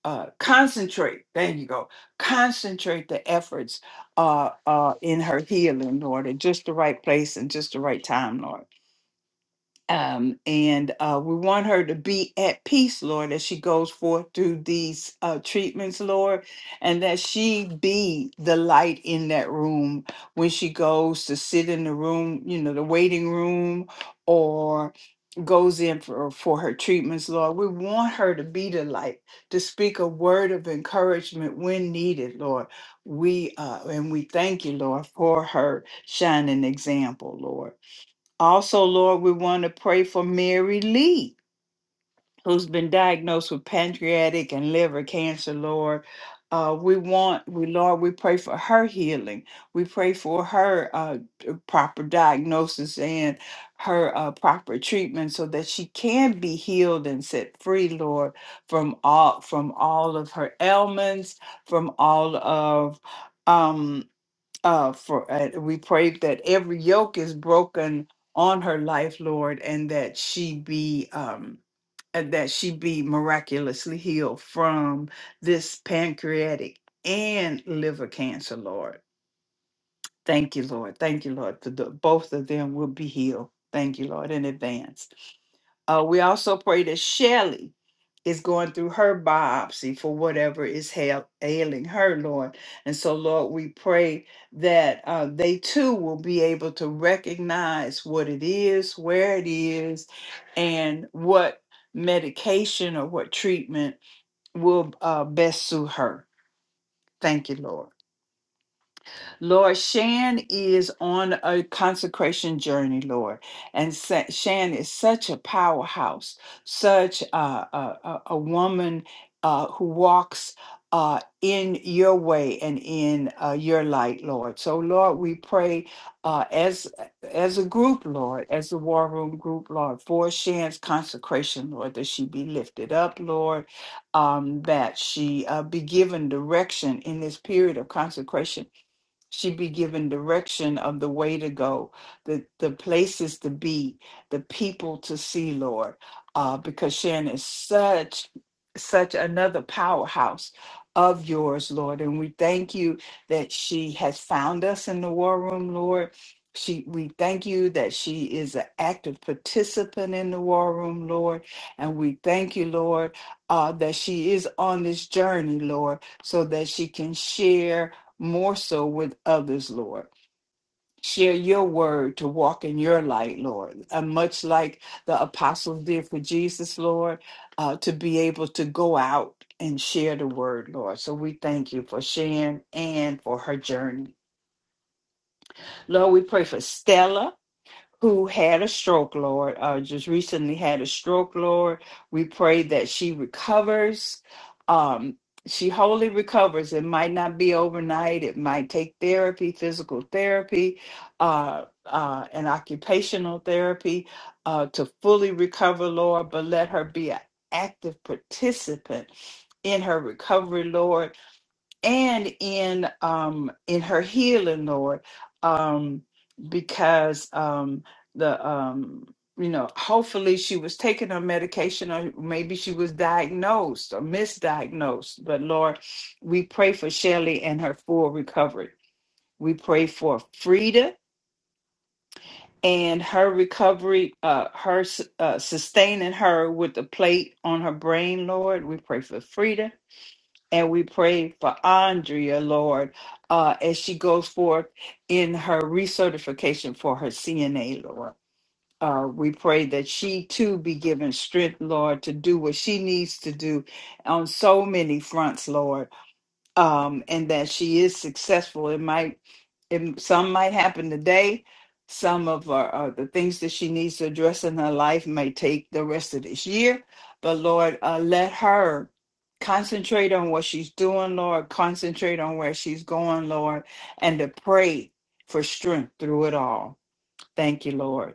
uh concentrate there you go concentrate the efforts uh uh in her healing lord at just the right place and just the right time lord um, and uh, we want her to be at peace, Lord, as she goes forth through these uh, treatments, Lord, and that she be the light in that room when she goes to sit in the room, you know, the waiting room, or goes in for, for her treatments, Lord. We want her to be the light, to speak a word of encouragement when needed, Lord. We uh, and we thank you, Lord, for her shining example, Lord. Also, Lord, we want to pray for Mary Lee, who's been diagnosed with pancreatic and liver cancer, Lord. Uh, we want, we Lord, we pray for her healing. We pray for her uh, d- proper diagnosis and her uh, proper treatment, so that she can be healed and set free, Lord, from all from all of her ailments, from all of um, uh, for uh, we pray that every yoke is broken on her life, Lord, and that she be um, and that she be miraculously healed from this pancreatic and liver cancer, Lord. Thank you, Lord. Thank you, Lord. For the, both of them will be healed. Thank you, Lord, in advance. Uh, we also pray that Shelley is going through her biopsy for whatever is hail, ailing her, Lord. And so, Lord, we pray that uh, they too will be able to recognize what it is, where it is, and what medication or what treatment will uh, best suit her. Thank you, Lord. Lord, Shan is on a consecration journey, Lord. And Sa- Shan is such a powerhouse, such a, a, a- a woman uh, who walks uh, in your way and in uh, your light, Lord. So, Lord, we pray uh, as as a group, Lord, as the War Room group, Lord, for Shan's consecration, Lord, that she be lifted up, Lord, um, that she uh, be given direction in this period of consecration She'd be given direction of the way to go, the, the places to be, the people to see, Lord, uh, because Sharon is such, such another powerhouse of yours, Lord. And we thank you that she has found us in the war room, Lord. She, we thank you that she is an active participant in the war room, Lord. And we thank you, Lord, uh, that she is on this journey, Lord, so that she can share more so with others, Lord. Share your word to walk in your light, Lord. And much like the apostles did for Jesus, Lord, uh, to be able to go out and share the word, Lord. So we thank you for Sharon and for her journey. Lord, we pray for Stella who had a stroke, Lord, uh, just recently had a stroke, Lord. We pray that she recovers. Um, she wholly recovers. It might not be overnight. It might take therapy, physical therapy, uh, uh, and occupational therapy uh, to fully recover, Lord. But let her be an active participant in her recovery, Lord and in um in her healing lord um because um the um you know hopefully she was taking her medication or maybe she was diagnosed or misdiagnosed but lord we pray for shelly and her full recovery we pray for frida and her recovery uh her s- uh, sustaining her with the plate on her brain lord we pray for frida and we pray for Andrea, Lord, uh, as she goes forth in her recertification for her CNA, Lord. Uh, we pray that she too be given strength, Lord, to do what she needs to do on so many fronts, Lord, um, and that she is successful. It might it, some might happen today. Some of our, uh, the things that she needs to address in her life may take the rest of this year. But Lord, uh, let her concentrate on what she's doing, Lord. Concentrate on where she's going, Lord, and to pray for strength through it all. Thank you, Lord.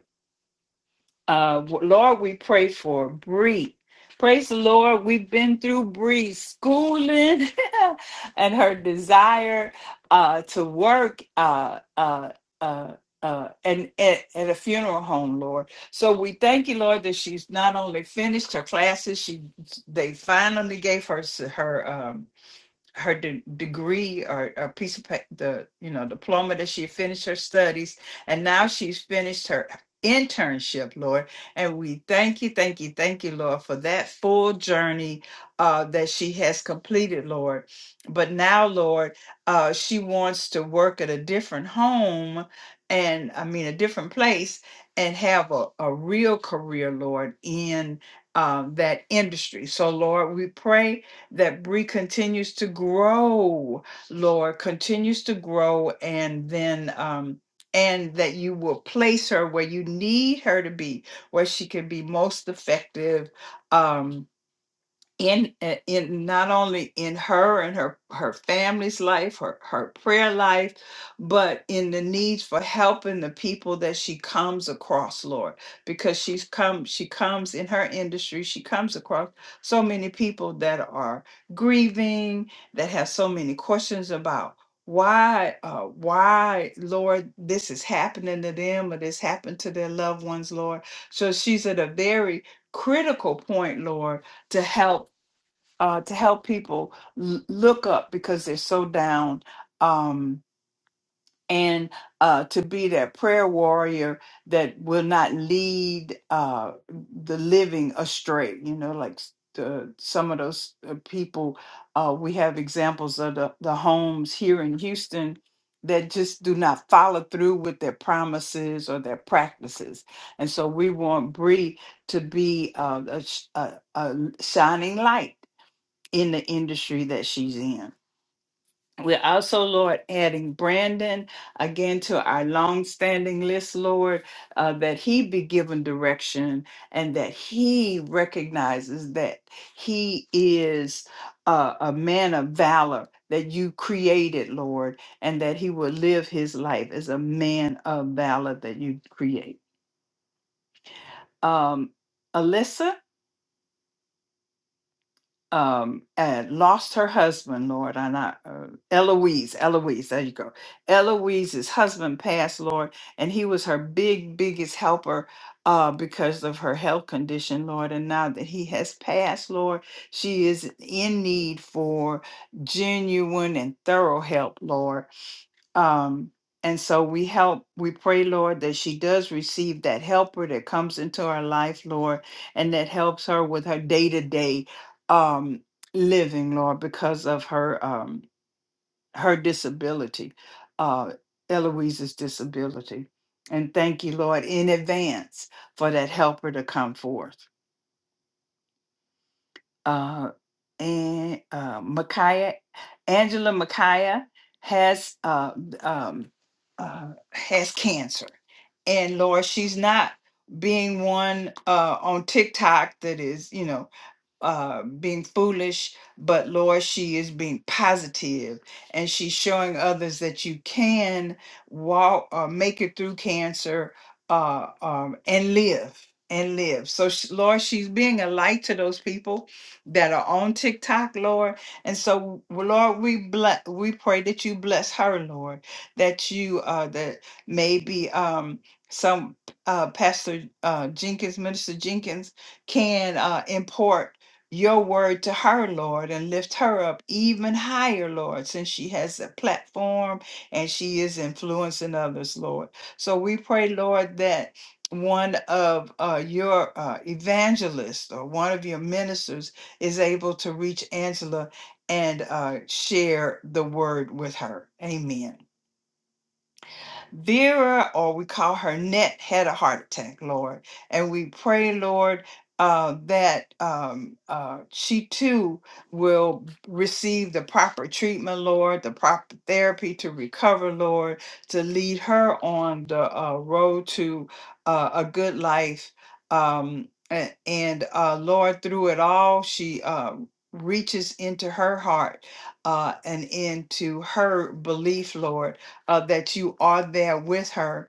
Uh, Lord, we pray for Bree. Praise the Lord. We've been through Bree's schooling and her desire uh, to work uh, uh, uh, uh, and at, at a funeral home, Lord. So we thank you, Lord, that she's not only finished her classes, she they finally gave her s- her. Um, her de- degree or a piece of the you know diploma that she finished her studies and now she's finished her internship lord and we thank you thank you thank you lord for that full journey uh, that she has completed lord but now lord uh, she wants to work at a different home and i mean a different place and have a, a real career lord in um, that industry so lord we pray that Bree continues to grow, Lord, continues to grow, and then um, and that you will place her where you need her to be, where she can be most effective. Um, in uh, in not only in her and her her family's life her her prayer life but in the needs for helping the people that she comes across lord because she's come she comes in her industry she comes across so many people that are grieving that have so many questions about why uh why lord this is happening to them or this happened to their loved ones lord so she's at a very critical point lord to help uh, to help people l- look up because they're so down um, and uh, to be that prayer warrior that will not lead uh, the living astray you know like uh, some of those uh, people uh, we have examples of the, the homes here in houston that just do not follow through with their promises or their practices and so we want bree to be uh, a, sh- a a shining light in the industry that she's in. We're also, Lord, adding Brandon again to our long-standing list, Lord, uh, that he be given direction and that he recognizes that he is a, a man of valor that you created, Lord, and that he will live his life as a man of valor that you create. Um, Alyssa, um and lost her husband lord and i uh, eloise eloise there you go eloise's husband passed lord and he was her big biggest helper uh because of her health condition lord and now that he has passed lord she is in need for genuine and thorough help lord um, and so we help, we pray, Lord, that she does receive that helper that comes into her life, Lord, and that helps her with her day to day um living, Lord, because of her um her disability, uh Eloise's disability. And thank you, Lord, in advance for that helper to come forth uh, and uh, Micaiah, Angela Micaiah has uh, um, uh, has cancer, and Lord, she's not being one uh, on TikTok that is, you know, uh, being foolish, but Lord, she is being positive and she's showing others that you can walk, uh, make it through cancer, uh, um, and live and live. So, sh- Lord, she's being a light to those people that are on TikTok, Lord. And so, w- Lord, we bless, we pray that you bless her, Lord, that you, uh, that maybe, um, some uh, Pastor uh, Jenkins, Minister Jenkins, can uh, import your word to her, Lord, and lift her up even higher, Lord, since she has a platform and she is influencing others, Lord. So we pray, Lord, that one of uh, your uh, evangelists or one of your ministers is able to reach Angela and uh, share the word with her. Amen. Vera, or we call her Net, had a heart attack, Lord. And we pray, Lord, uh, that um, uh, she too will receive the proper treatment, Lord, the proper therapy to recover, Lord, to lead her on the uh, road to uh, a good life. Um, a- and uh, Lord, through it all, she uh, reaches into her heart uh, and into her belief, Lord uh, that you are there with her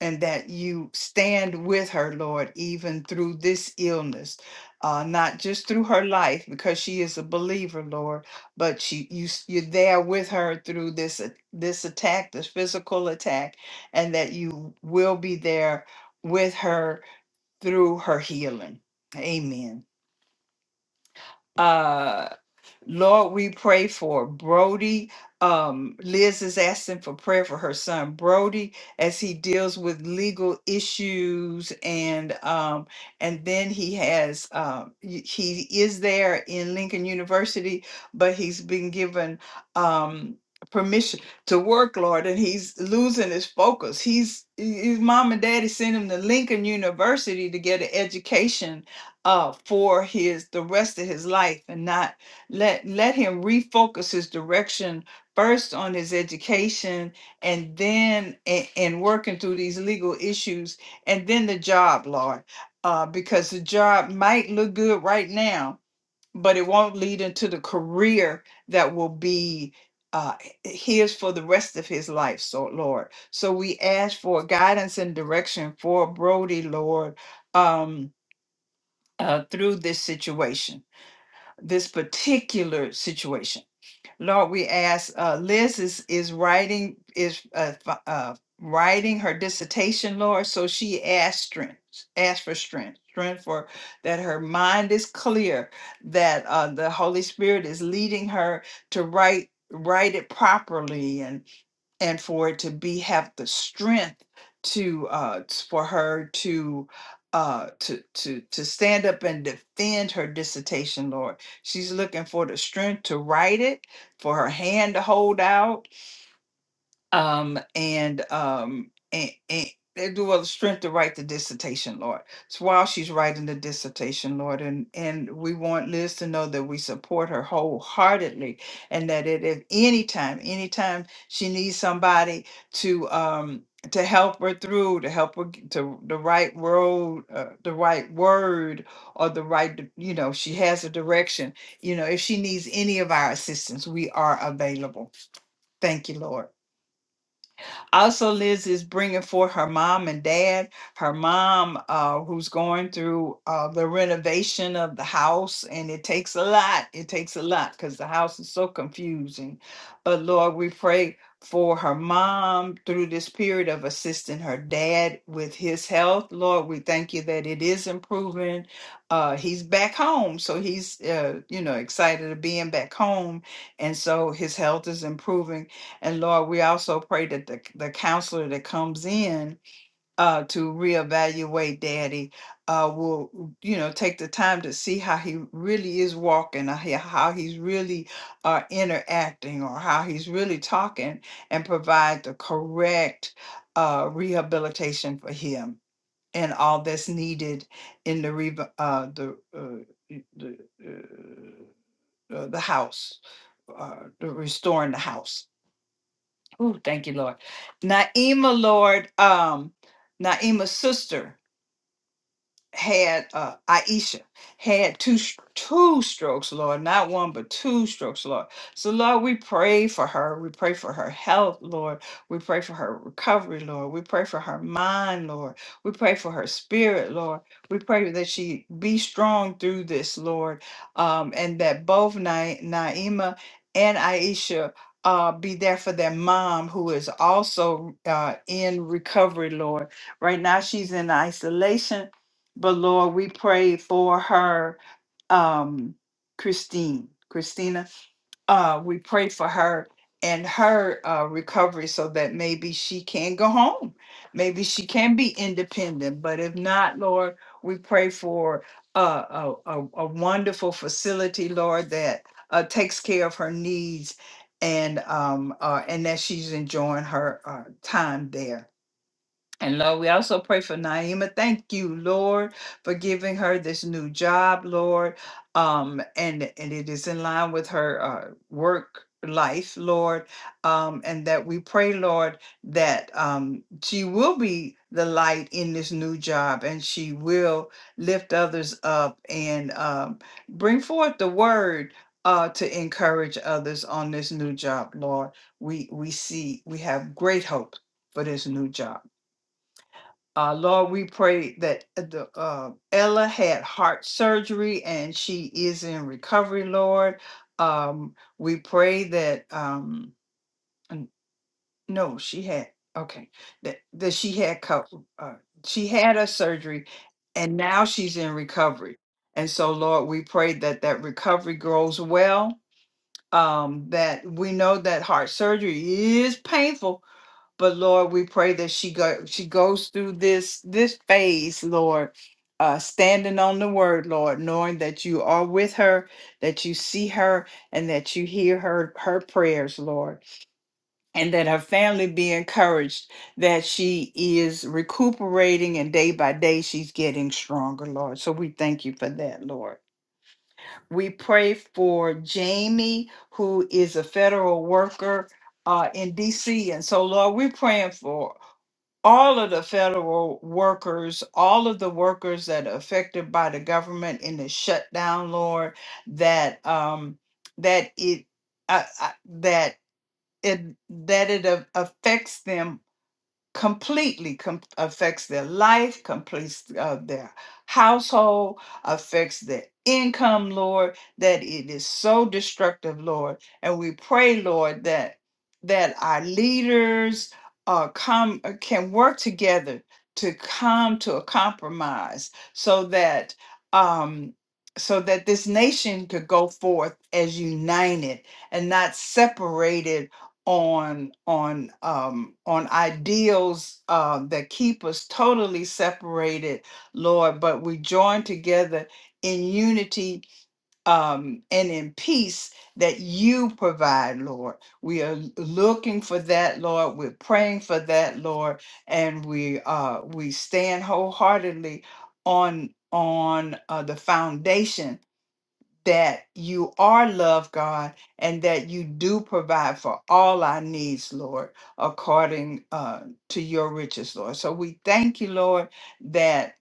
and that you stand with her, Lord, even through this illness, uh, not just through her life, because she is a believer, Lord, but she you s- you're there with her through this a- this attack, this physical attack, and that you will be there with her through her healing. Amen. Uh, Lord, we pray for Brody. Um, Liz is asking for prayer for her son Brody as he deals with legal issues, and um, and then he has um, y- he is there in Lincoln University, but he's been given um, permission to work, Lord, and he's losing his focus. He's his mom and daddy sent him to Lincoln University to get an education, uh, for his the rest of his life and not let let him refocus his direction first on his education and then and, and working through these legal issues and then the job lord uh, because the job might look good right now but it won't lead into the career that will be uh, his for the rest of his life so lord so we ask for guidance and direction for brody lord um, uh, through this situation, this particular situation. Lord, we ask. Uh, Liz is is writing is uh, fi- uh, writing her dissertation, Lord. So she asked strength, asked for strength, strength for that her mind is clear, that uh, the Holy Spirit is leading her to write write it properly and and for it to be have the strength to uh t- for her to uh to to to stand up and defend her dissertation lord she's looking for the strength to write it for her hand to hold out um, and um, and, and they do well strength to write the dissertation, Lord. So while she's writing the dissertation, Lord, and and we want Liz to know that we support her wholeheartedly, and that it if anytime, anytime she needs somebody to um to help her through, to help her get to the right road, uh, the right word, or the right, di- you know, she has a direction. You know, if she needs any of our assistance, we are available. Thank you, Lord. Also, Liz is bringing for her mom and dad. Her mom, uh, who's going through uh, the renovation of the house, and it takes a lot. It takes a lot because the house is so confusing. But Lord, we pray for her mom through this period of assisting her dad with his health. Lord, we thank you that it is improving. Uh, he's back home, so he's uh, you know excited of being back home, and so his health is improving. And Lord, we also pray that the, the counselor that comes in uh, to reevaluate Daddy uh, will, you know, take the time to see how he really is walking, or he- how he's really uh, interacting, or how he's really talking, and provide the correct uh, rehabilitation for him and all that's needed in the re- uh, the uh, y- the, uh, uh, the house, uh, the restoring the house. Oh, thank you, Lord. Naima, Lord, um, Naima's sister, had uh Aisha had two s- two strokes, Lord, not one but two strokes, Lord. So Lord, we pray for her. We pray for her health, Lord. We pray for her recovery, Lord. We pray for her mind, Lord. We pray for her spirit, Lord. We pray that she be strong through this, Lord, um, and that both Na- Naima and Aisha. Uh, be there for their mom who is also uh, in recovery, Lord. Right now, she's in isolation but Lord, we pray for her, um, Christine, Christina. Uh, we pray for her and her uh, recovery so that maybe she can go home. Maybe she can be independent. But if not, Lord, we pray for uh, a, a, a wonderful facility, Lord, that uh, takes care of her needs and um, uh, and that she's enjoying her uh, time there. And Lord, we also pray for Naima. Thank you, Lord, for giving her this new job, Lord. Um, and and it is in line with her uh, work life, Lord. Um, and that we pray, Lord, that um, she will be the light in this new job, and she will lift others up and um, bring forth the word. Uh, to encourage others on this new job, Lord, we we see we have great hope for this new job. Uh, Lord, we pray that uh, the, uh, Ella had heart surgery and she is in recovery, Lord. Um, we pray that, um, n- no, she had, okay, that, that she had, co- uh, she had her surgery and now she's in recovery. And so, Lord, we pray that that recovery grows well. Um, that we know that heart surgery is painful, but Lord, we pray that she go she goes through this this phase, Lord, uh, standing on the word, Lord, knowing that you are with her, that you see her, and that you hear her her prayers, Lord, and that her family be encouraged that she is recuperating and day by day she's getting stronger, Lord. So we thank you for that, Lord. We pray for Jamie, who is a federal worker uh, in DC. And so, Lord, we're praying for all of the federal workers, all of the workers that are affected by the government in the shutdown, Lord, that um that it uh, uh, that it that it a- affects them completely com- affects their life, completes uh, their household, affects their income, Lord, that it is so destructive, Lord. And we pray, Lord, that that our leaders uh, come uh, can work together to come to a compromise so that um so that this nation could go forth as united and not separated on on um on ideals uh, that keep us totally separated lord but we join together in unity um, and in peace that you provide, Lord. We are l- looking for that, Lord. We're praying for that, Lord, and we uh, we stand wholeheartedly on on uh, the foundation that you are love, God, and that you do provide for all our needs, Lord, according uh, to your riches, Lord. So we thank you, Lord, that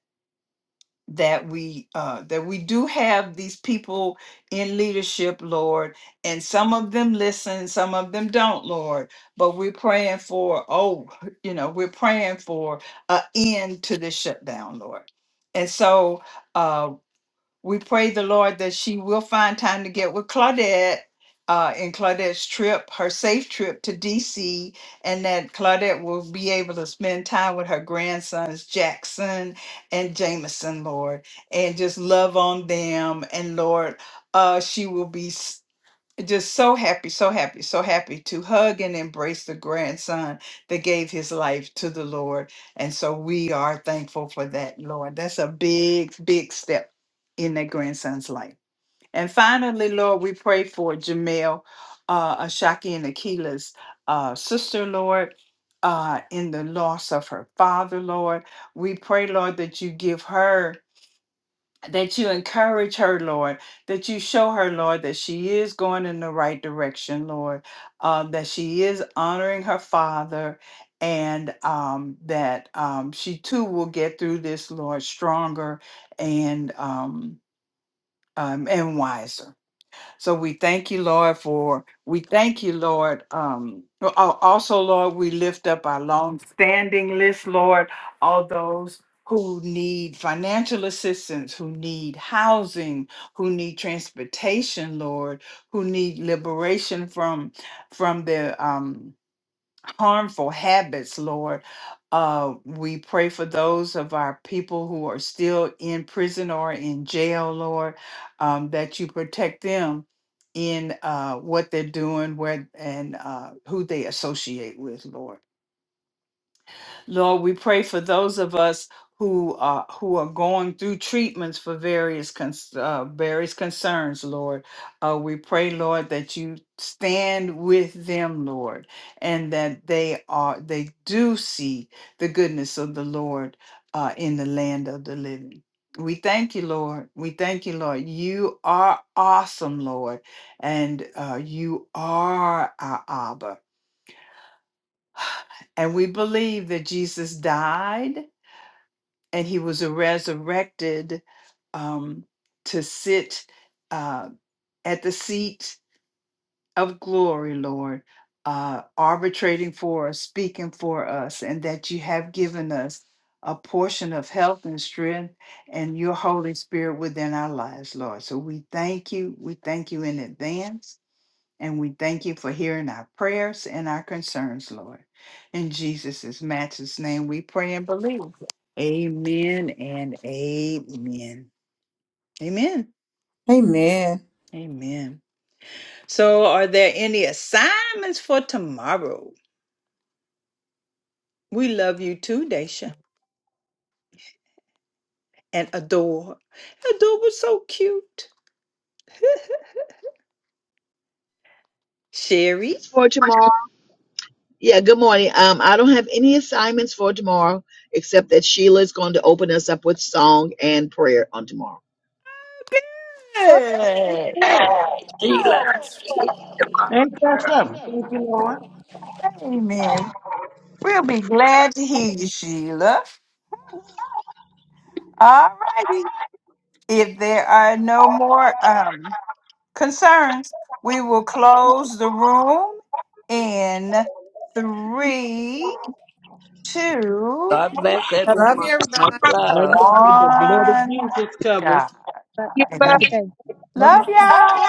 that we uh, that we do have these people in leadership, Lord, and some of them listen, some of them don't, Lord. But we're praying for oh, you know, we're praying for an end to this shutdown, Lord. And so uh, we pray the Lord that she will find time to get with Claudette uh, in Claudette's trip, her safe trip to DC, and that Claudette will be able to spend time with her grandsons, Jackson and Jameson, Lord, and just love on them. And Lord, uh, she will be. s- just so happy, so happy, so happy to hug and embrace the grandson that gave his life to the Lord. And so we are thankful for that, Lord. That's a big, big step in that grandson's life. And finally, Lord, we pray for Jamel, uh, Ashaki, and Akila's uh, sister, Lord. Uh, in the loss of her father, Lord. We pray, Lord, that you give her that you encourage her, Lord, that you show her, Lord, that she is going in the right direction, Lord, um, that she is honoring her father, and um, that um, she too will get through this, Lord, stronger and um, um, and wiser. So we thank you, Lord, for we thank you, Lord. Um, al- al- also, Lord, we lift up our long-standing list, Lord, all those who need financial assistance, who need housing, who need transportation, Lord, who need liberation from from their um harmful habits, Lord. Uh, we pray for those of our people who are still in prison or in jail, Lord, um, that you protect them in uh, what they're doing, where and uh, who they associate with, Lord. Lord, we pray for those of us who are who are going through treatments for various cons- uh, various concerns, Lord. Uh, we pray, Lord, that you stand with them, Lord, and that they are they do see the goodness of the Lord uh, in the land of the living. We thank you, Lord. We thank you, Lord. You are awesome, Lord, and uh, you are our Abba. And we believe that Jesus died and he was resurrected um, to sit uh, at the seat of glory, Lord, uh, arbitrating for us, speaking for us, and that you have given us a portion of health and strength and your Holy Spirit within our lives, Lord. So we thank you. We thank you in advance. And we thank you for hearing our prayers and our concerns, Lord. In Jesus' matchless name, we pray and believe. Amen and amen. Amen. Amen. So, are there any assignments for tomorrow? We love you too, Daisha and Adore. Adore was so cute. Sherry.
It's For tomorrow. Yeah, good morning. Um, I don't have any assignments for tomorrow except that Sheila is going to open us up with song and prayer on tomorrow.
Yes.
Ain't
Sheila, see you tomorrow,
that
girl.
something? Lord?
Amen. We'll be glad to hear you, Sheila. All righty. If there are no more, um, concerns. We will close the room in three, two,
God bless
I love you,
everyone.
everybody.
Much
Love
love.
you. The blood of
one.
Jesus covers.
God.
Love
Love
y'all.
y'all.